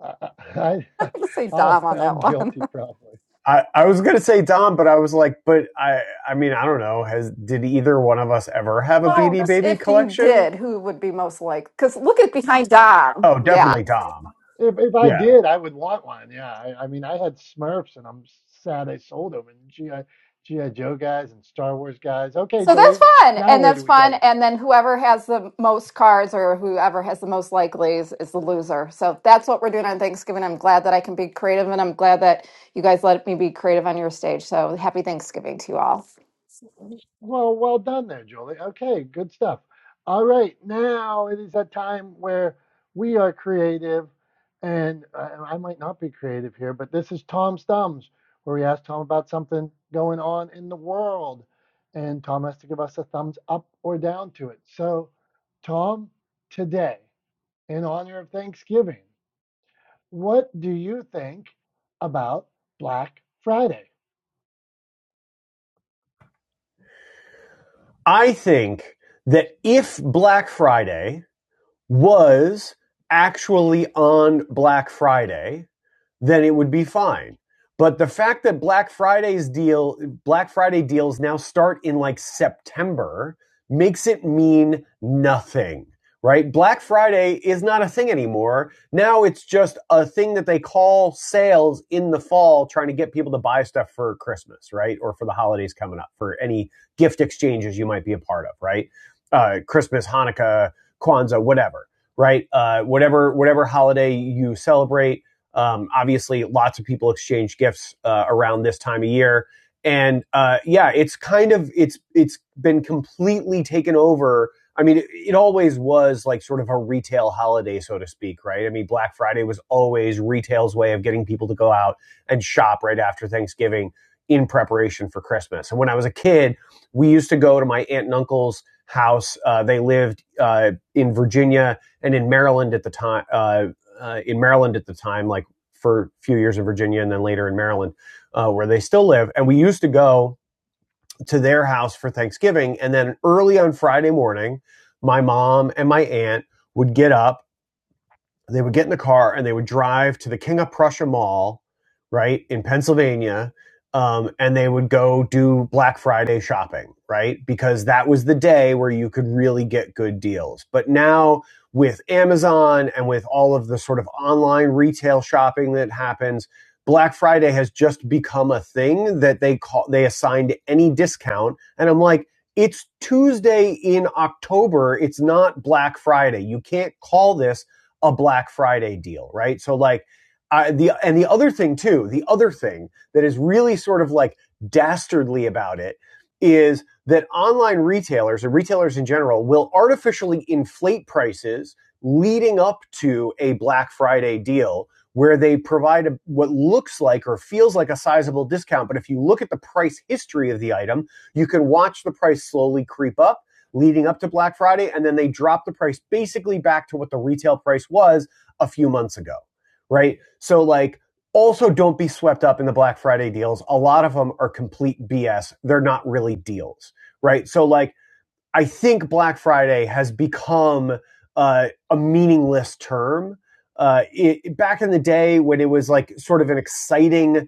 I, I,
I'm
I-
gonna say
I'll,
Dom on
I'm
that one.
guilty probably.
I, I was gonna say Dom, but I was like, but I I mean I don't know. Has did either one of us ever have a
Well,
Beanie
just
Baby
if you
collection?
did, who would be most like? Because look at behind Dom.
Oh,
Yeah.
definitely Dom.
If if I
Yeah,
did, I would want one. Yeah. I, I mean, I had Smurfs, and I'm sad I sold them. And GI GI Joe guys and Star Wars guys. Okay,
So
Jolie.
that's
wh-
fun,
Now
and
where do
that's
we go
fun,
with
and
this?
then whoever has the most cards or whoever has the most likelies is the loser. So that's what we're doing on Thanksgiving. I'm glad that I can be creative, and I'm glad that you guys let me be creative on your stage. So happy Thanksgiving to you all.
Well, well done there, Julie. Okay, good stuff. All right, now it is that time where we are creative, and uh, I might not be creative here, but this is Tom's Thumbs, where we ask Tom about something going on in the world, and Tom has to give us a thumbs up or down to it. So, Tom, today, in honor of Thanksgiving, what do you think about Black Friday?
I think that if Black Friday was actually on Black Friday, then it would be fine. But the fact that Black Friday's deal, Black Friday deals now start in like September makes it mean nothing, right? Black Friday is not a thing anymore. Now it's just a thing that they call sales in the fall, trying to get people to buy stuff for Christmas, right? Or for the holidays coming up, for any gift exchanges you might be a part of, right? Uh, Christmas, Hanukkah, Kwanzaa, whatever, right? Uh, whatever, whatever holiday you celebrate um, obviously, lots of people exchange gifts uh, around this time of year, and uh, yeah, it's kind of it's it's been completely taken over. I mean, it, it always was like sort of a retail holiday, so to speak, right? I mean, Black Friday was always retail's way of getting people to go out and shop right after Thanksgiving in preparation for Christmas. And when I was a kid, we used to go to my aunt and uncle's house. Uh, they lived uh, in Virginia and in Maryland at the time. Uh, uh, in Maryland at the time, like for a few years in Virginia and then later in Maryland, uh, where they still live. And we used to go to their house for Thanksgiving. And then early on Friday morning, my mom and my aunt would get up they would get in the car and they would drive to the King of Prussia Mall, right in Pennsylvania, um, and they would go do Black Friday shopping, right? Because that was the day where you could really get good deals. But now with Amazon and with all of the sort of online retail shopping that happens, Black Friday has just become a thing that they call they assign to any discount, and I'm like. It's Tuesday in October. It's not Black Friday. You can't call this a Black Friday deal, right? So like I, the and the other thing too, the other thing that is really sort of like dastardly about it is that online retailers and retailers in general will artificially inflate prices leading up to a Black Friday deal where they provide a, what looks like or feels like a sizable discount. But if you look at the price history of the item, you can watch the price slowly creep up leading up to Black Friday, and then they dropped the price basically back to what the retail price was a few months ago, right? So, like, also don't be swept up in the Black Friday deals. A lot of them are complete BS. They're not really deals, right? So, like, I think Black Friday has become uh, a meaningless term. Uh, it, back in the day when it was like sort of an exciting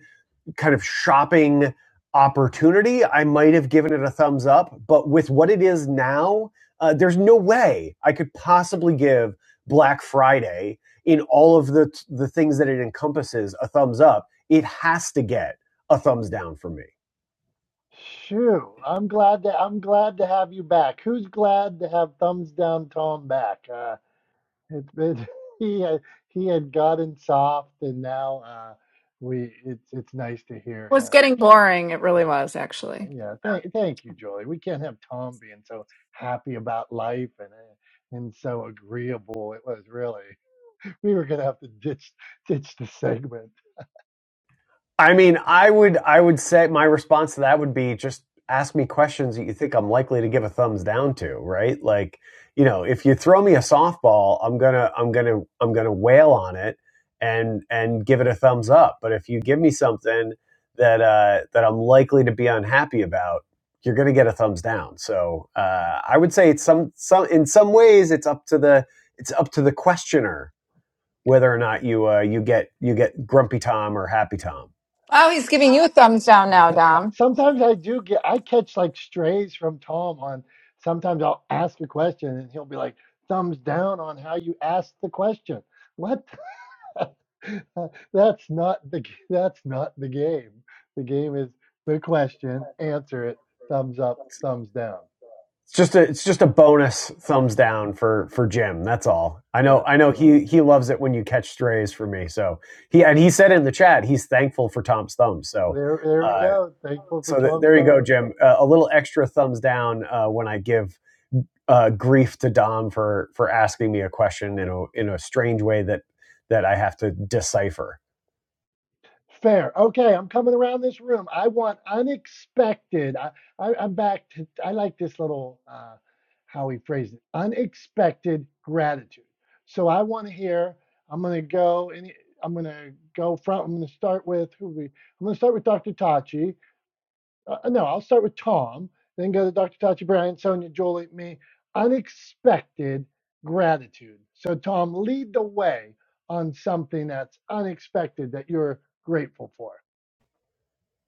kind of shopping opportunity, I might have given it a thumbs up. But with what it is now, uh, there's no way I could possibly give Black Friday in all of the the things that it encompasses a thumbs up. It has to get a thumbs down from me.
Shoo! I'm glad to I'm glad to have you back. Who's glad to have thumbs down Tom back? Uh, it's been he had he had gotten soft, and now uh, we it's it's nice to hear
was
him.
getting boring. It really was, actually.
Yeah, thank thank you, Jolie. We can't have Tom being so happy about life and uh, and so agreeable. It was really we were gonna have to ditch ditch the segment.
I mean, I would I would say my response to that would be just ask me questions that you think I'm likely to give a thumbs down to, right? Like, you know, if you throw me a softball, I'm going to I'm going to I'm going to wail on it and and give it a thumbs up. But if you give me something that uh that I'm likely to be unhappy about, you're going to get a thumbs down. So, uh I would say it's some some in some ways it's up to the it's up to the questioner whether or not you uh you get you get grumpy Tom or happy Tom.
Oh, he's giving you a thumbs down now, Dom.
Sometimes I do get, I catch like strays from Tom on, sometimes I'll ask a question and he'll be like, thumbs down on how you asked the question. What? the- That's not the, g- that's not the game. The game is the question, answer it, thumbs up, thumbs down.
It's just a it's just a bonus thumbs down for for Jim. That's all. I know
Yeah.
I know he he loves it when you catch strays for me. So he and he said in the chat he's thankful for Tom's thumbs. So
There, there we
uh,
go. Thankful for
so th-
Tom's
there you
thumbs.
go, Jim. Uh, a little extra thumbs down uh, when I give uh, grief to Dom for for asking me a question in a in a strange way that that I have to decipher.
Fair. Okay, I'm coming around this room. I want unexpected. I, I I'm back to. I like this little uh, how he phrased it. Unexpected gratitude. So I want to hear. I'm gonna go and I'm gonna go front. I'm gonna start with who we. I'm gonna start with Dr. Tachi. Uh, uh, no, I'll start with Tom. Then go to Dr. Tachi, Brian, Sonia, Julie, me. Unexpected gratitude. So Tom, lead the way on something that's unexpected that you're grateful for.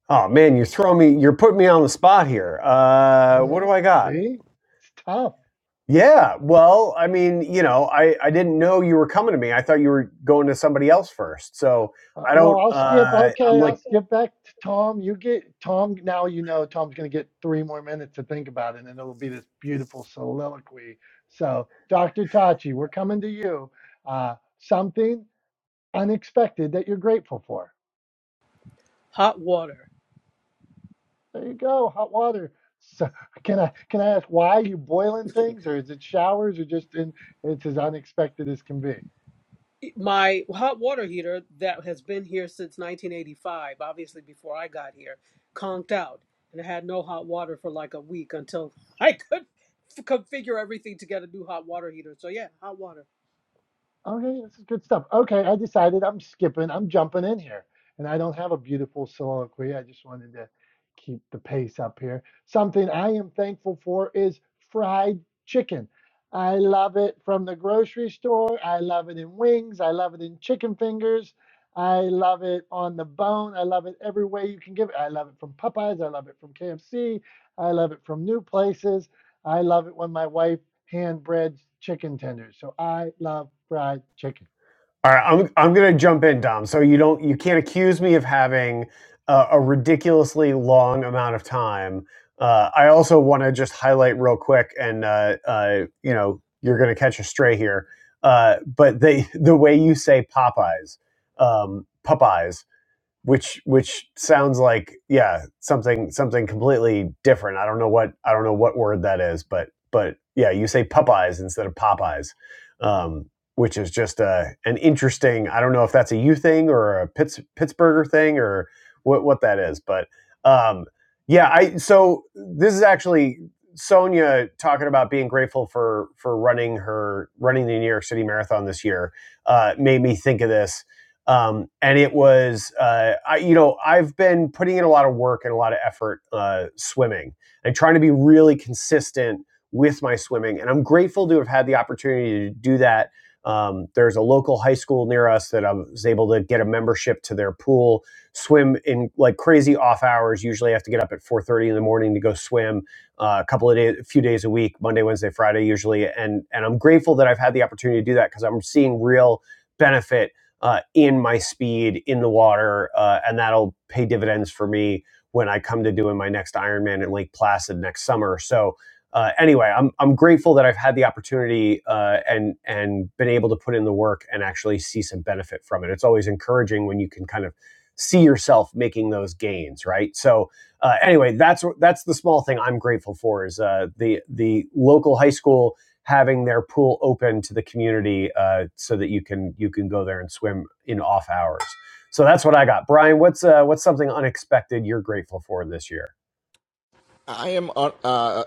Oh man, you're throwing me. You're putting me on the spot here. Uh, what
Yeah,
do I got?
see, it's tough.
Yeah. Well, I mean, you know, I I didn't know you were coming to me. I thought you were going to somebody else first. So
Uh,
I
well,
don't.
I'll skip.
Uh, I'm
Okay,
like
I'll skip back to Tom. You get Tom. Now you know Tom's going to get three more minutes to think about it, and it'll be this beautiful soliloquy. So, Dr. Tachi, we're coming to you. Uh, something unexpected that you're grateful for.
Hot water.
There you go, hot water. So, can I can I ask why are you boiling things, or is it showers, or just in, it's as unexpected as can be?
E, My hot water heater that has been here since 1985, obviously before I got here, conked out and it had no hot water for like a week until I could f- configure everything to get a new hot water heater. So yeah, hot water.
Okay, this is good stuff. Okay, I decided I'm skipping, I'm jumping in here. And I don't have a beautiful soliloquy. I just wanted to keep the pace up here. Something I am thankful for is fried chicken. I love it from the grocery store. I love it in wings. I love it in chicken fingers. I love it on the bone. I love it every way you can give it. I love it from Popeyes. I love it from KFC. I love it from new places. I love it when my wife hand bread chicken tenders. So I love fried chicken.
All right, I'm I'm gonna jump in, Dom. So you don't you can't accuse me of having uh, a ridiculously long amount of time. Uh, I also want to just highlight real quick, and uh, uh, you know you're gonna catch a stray here, uh, but the the way you say Popeyes, um, Popeyes which which sounds like yeah something something completely different. I don't know what I don't know what word that is, but but yeah, you say Popeyes instead of Popeyes, um, which is just a an interesting. I don't know if that's a you thing or a Pitts, Pittsburgher thing or what what that is, but um, yeah, I so this is actually Sonia talking about being grateful for for running her running the New York City Marathon this year uh, made me think of this um, and it was, uh, I, you know, I've been putting in a lot of work and a lot of effort uh, swimming and trying to be really consistent with my swimming. And I'm grateful to have had the opportunity to do that. Um, there's a local high school near us that I was able to get a membership to their pool, swim in like crazy off hours. Usually, I have to get up at 4:30 in the morning to go swim uh, a couple of days, a few days a week, Monday, Wednesday, Friday, usually. And and I'm grateful that I've had the opportunity to do that because I'm seeing real benefit uh, in my speed in the water, uh, and that'll pay dividends for me when I come to doing my next Ironman in Lake Placid next summer. So. Uh, anyway, I'm I'm grateful that I've had the opportunity uh, and and been able to put in the work and actually see some benefit from it. It's always encouraging when you can kind of see yourself making those gains, right? So uh, anyway, that's that's the small thing I'm grateful for is uh, the the local high school having their pool open to the community uh, so that you can you can go there and swim in off hours. So that's what I got. Brian, what's uh, what's something unexpected you're grateful for this year?
I am uh, uh,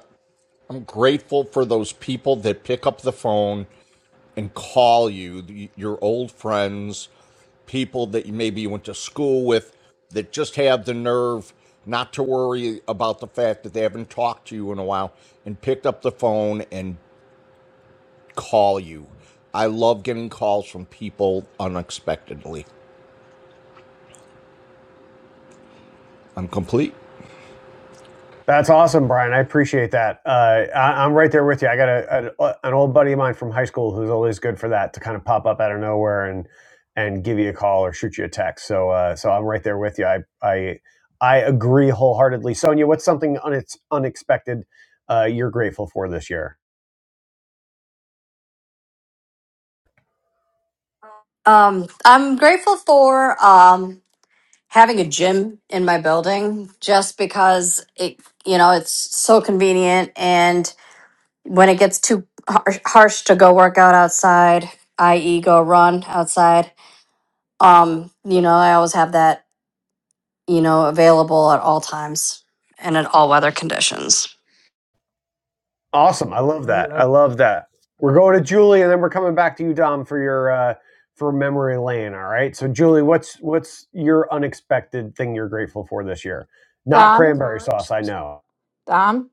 I'm grateful for those people that pick up the phone and call you, your old friends, people that you maybe you went to school with that just have the nerve not to worry about the fact that they haven't talked to you in a while and picked up the phone and call you. I love getting calls from people unexpectedly. I'm complete.
That's awesome, Brian. I appreciate that. Uh, I, I'm right there with you. I got a, an an old buddy of mine from high school who's always good for that to kind of pop up out of nowhere and and give you a call or shoot you a text. So uh, so I'm right there with you. I I I agree wholeheartedly. Sonia, what's something unex unexpected uh, you're grateful for this year?
Um, I'm grateful for. Um, having a gym in my building just because it you know it's so convenient and when it gets too harsh, harsh to go work out outside i.e go run outside um you know i always have that you know available at all times and in all weather conditions
Awesome. I love
I,
that.
I,
I love that. We're going to Julie and then we're coming back to you, Dom, for your uh for memory lane. All right. So Julie, what's what's your unexpected thing you're grateful for this year? Not
Dom,
cranberry sauce, I know.
Dom,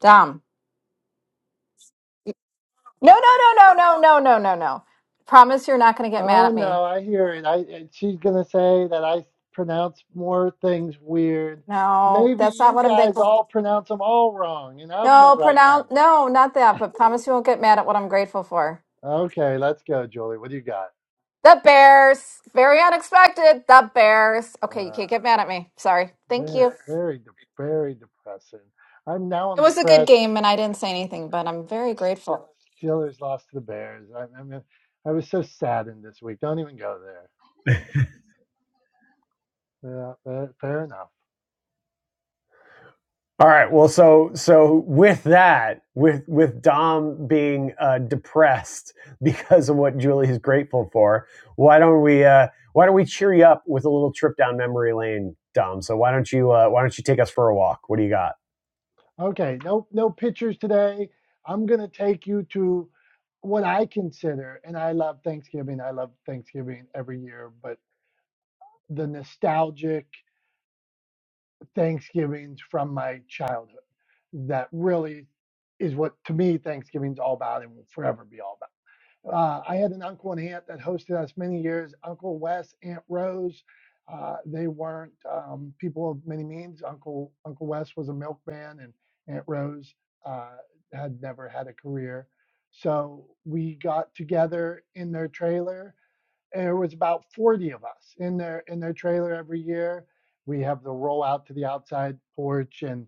Dom. No, no, no, no, no, no, no, no, no. Promise you're not going to get mad
oh
at me.
no, I hear it. I eh, she's gonna say that I pronounce more things weird.
No,
Maybe
that's not
you
what I'm
guys
thankful.
all pronounce them all wrong, and I'm the
No,
right one.
pronounce. No, not that. But promise you won't get mad at what I'm grateful for.
Okay, let's go, Julie. What do you got?
The Bears. Very unexpected. The Bears. Okay, you
Uh,
can't get mad at me. Sorry. Thank
very,
you.
very, de- very depressing. I'm now.
It
I'm
was a good
depressed.
game, and I didn't say anything, but I'm very grateful.
Steelers lost to the Bears. I, I mean, I was so saddened this week. Don't even go there. Yeah, fair, fair enough.
All right. Well, so so with that, with with Dom being uh depressed because of what Julie is grateful for, why don't we uh why don't we cheer you up with a little trip down memory lane, Dom? So why don't you uh why don't you take us for a walk? What do you got?
Okay, no no pictures today. I'm gonna take you to what I consider, and I love Thanksgiving. I love Thanksgiving every year, but the nostalgic Thanksgivings from my childhood that really is what to me Thanksgiving's all about and will forever be all about. Uh, I had an uncle and aunt that hosted us many years. Uncle Wes, Aunt Rose. Uh, they weren't um, people of many means. Uncle Uncle Wes was a milkman, and Aunt Rose uh, had never had a career. So we got together in their trailer and it was about 40 of us in their in their trailer every year we have the roll out to the outside porch and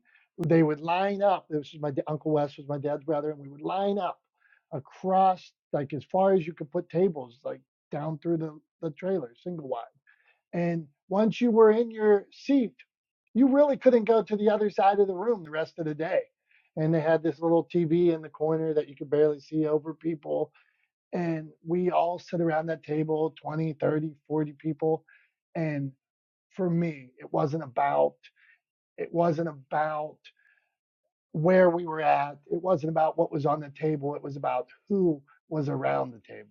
they would line up this was my da- uncle wes was my dad's brother and we would line up across like as far as you could put tables like down through the the trailer single wide and once you were in your seat you really couldn't go to the other side of the room the rest of the day and they had this little tv in the corner that you could barely see over people and we all sit around that table 20 30 40 people and for me it wasn't about it wasn't about where we were at it wasn't about what was on the table it was about who was around the table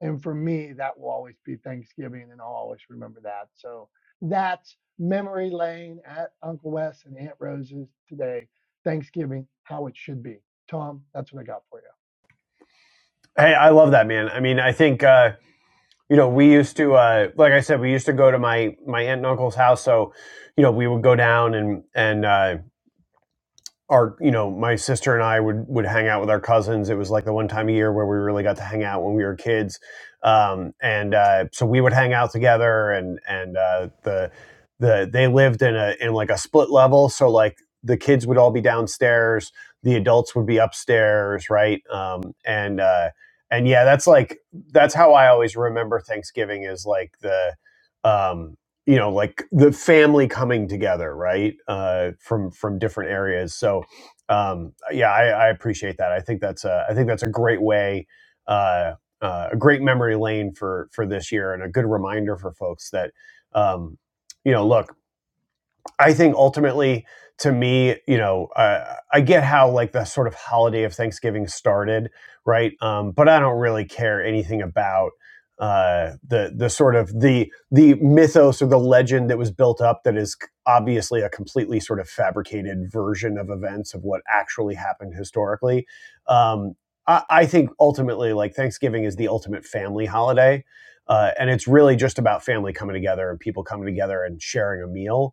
and for me that will always be thanksgiving and i'll always remember that so that's memory lane at uncle wes and aunt rose's today thanksgiving how it should be tom that's what i got for you
Hey, I love that, man. I mean, I think uh, you know we used to, uh, like I said, we used to go to my my aunt and uncle's house. So, you know, we would go down and and uh, our you know my sister and I would would hang out with our cousins. It was like the one time a year where we really got to hang out when we were kids, um, and uh, so we would hang out together. And and uh, the the they lived in a in like a split level, so like the kids would all be downstairs, the adults would be upstairs, right? Um, and uh, and yeah, that's like that's how I always remember Thanksgiving is like the um you know like the family coming together right uh, from from different areas so um, yeah I, I appreciate that i think that's a i think that's a great way uh, uh, a great memory lane for for this year and a good reminder for folks that um, you know look I think ultimately, to me, you know, uh, I get how like the sort of holiday of Thanksgiving started, right? Um, but I don't really care anything about uh, the the sort of the the mythos or the legend that was built up that is obviously a completely sort of fabricated version of events of what actually happened historically. Um, I, I think ultimately, like Thanksgiving is the ultimate family holiday. Uh, and it's really just about family coming together and people coming together and sharing a meal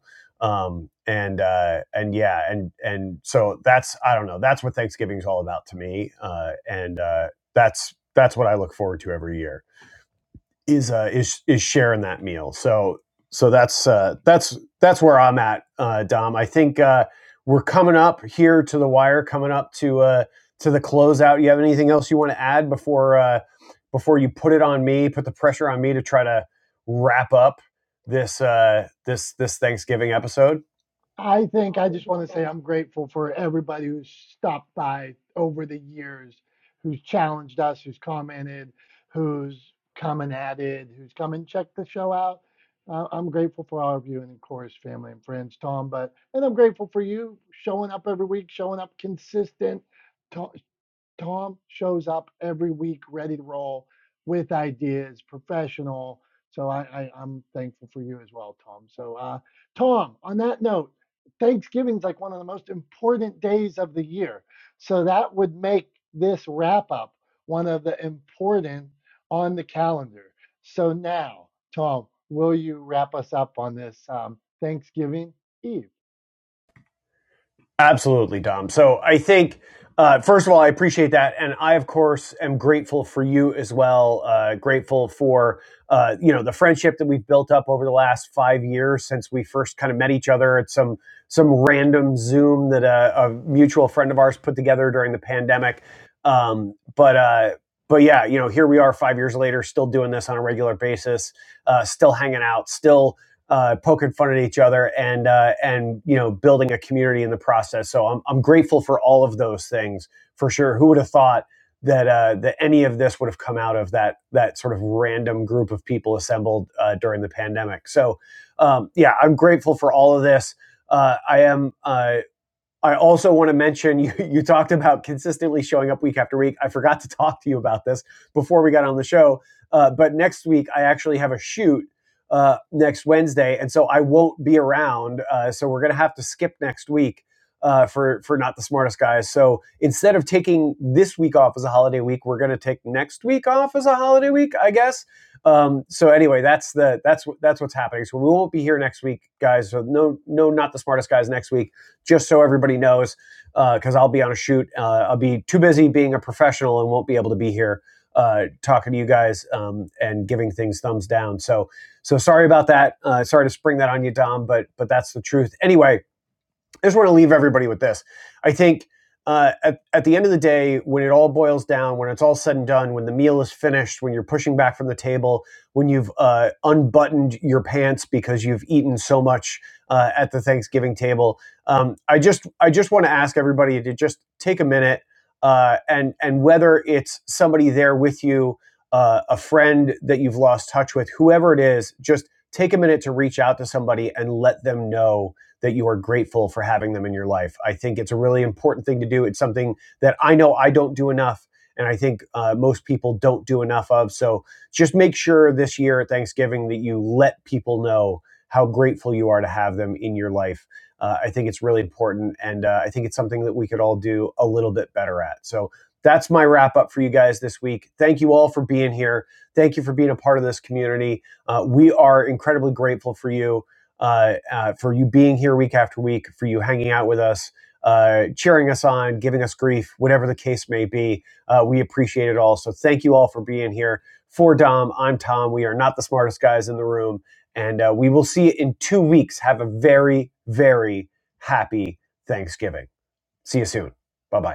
um and uh and yeah and and so that's i don't know that's what thanksgiving's all about to me uh and uh that's that's what i look forward to every year is uh is is sharing that meal so so that's uh that's that's where i'm at uh dom i think uh we're coming up here to the wire coming up to uh to the closeout you have anything else you want to add before uh before you put it on me put the pressure on me to try to wrap up this uh this this thanksgiving episode
I think I just want to say I'm grateful for everybody who's stopped by over the years, who's challenged us, who's commented, who's come and added, who's come and checked the show out. Uh, I'm grateful for all of you and of course family and friends, Tom. But and I'm grateful for you showing up every week, showing up consistent, to, Tom shows up every week ready to roll with ideas, professional. So I, I, I'm thankful for you as well, Tom. So, uh, Tom, on that note, Thanksgiving's like one of the most important days of the year. So that would make this wrap up one of the important on the calendar. So now, Tom, will you wrap us up on this um, Thanksgiving Eve?
Absolutely, Dom. So I think, uh, first of all, I appreciate that. And I, of course, am grateful for you as well. Uh, grateful for, uh, you know, the friendship that we've built up over the last five years since we first kind of met each other at some some random Zoom that a, a mutual friend of ours put together during the pandemic. Um, but uh, but yeah, you know, here we are five years later, still doing this on a regular basis, uh, still hanging out, still uh, poking fun at each other and uh, and you know building a community in the process. So I'm I'm grateful for all of those things for sure. Who would have thought that uh, that any of this would have come out of that that sort of random group of people assembled uh, during the pandemic? So um, yeah, I'm grateful for all of this. Uh, I am uh, I also want to mention you, you talked about consistently showing up week after week. I forgot to talk to you about this before we got on the show. Uh, but next week, I actually have a shoot uh, next Wednesday. And so I won't be around. Uh, so we're going to have to skip next week uh, for, for Not the Smartest Guys. So instead of taking this week off as a holiday week, we're going to take next week off as a holiday week, I guess. Um, so anyway, that's the that's that's what's happening. So we won't be here next week, guys. So no no not the smartest guys next week just so everybody knows, because uh, I'll be on a shoot. Uh, I'll be too busy being a professional and won't be able to be here uh, talking to you guys um, and giving things thumbs down. So, so sorry about that. Uh, sorry to spring that on you, Dom, but but that's the truth. Anyway, I just want to leave everybody with this. I think uh, at, at the end of the day, when it all boils down, when it's all said and done, when the meal is finished, when you're pushing back from the table, when you've uh, unbuttoned your pants because you've eaten so much uh, at the Thanksgiving table, um, I just I just want to ask everybody to just take a minute uh, and and whether it's somebody there with you, uh, a friend that you've lost touch with, whoever it is, just take a minute to reach out to somebody and let them know that you are grateful for having them in your life. I think it's a really important thing to do. It's something that I know I don't do enough, and I think uh, most people don't do enough of. So just make sure this year at Thanksgiving that you let people know how grateful you are to have them in your life. Uh, I think it's really important, and uh, I think it's something that we could all do a little bit better at. So that's my wrap up for you guys this week. Thank you all for being here. Thank you for being a part of this community. Uh, we are incredibly grateful for you uh, uh, for you being here week after week, for you hanging out with us, uh, cheering us on, giving us grief, whatever the case may be. Uh, we appreciate it all. So thank you all for being here. For Dom, I'm Tom. We are not the smartest guys in the room. And uh, we will see you in two weeks. Have a very, very happy Thanksgiving. See you soon. Bye bye.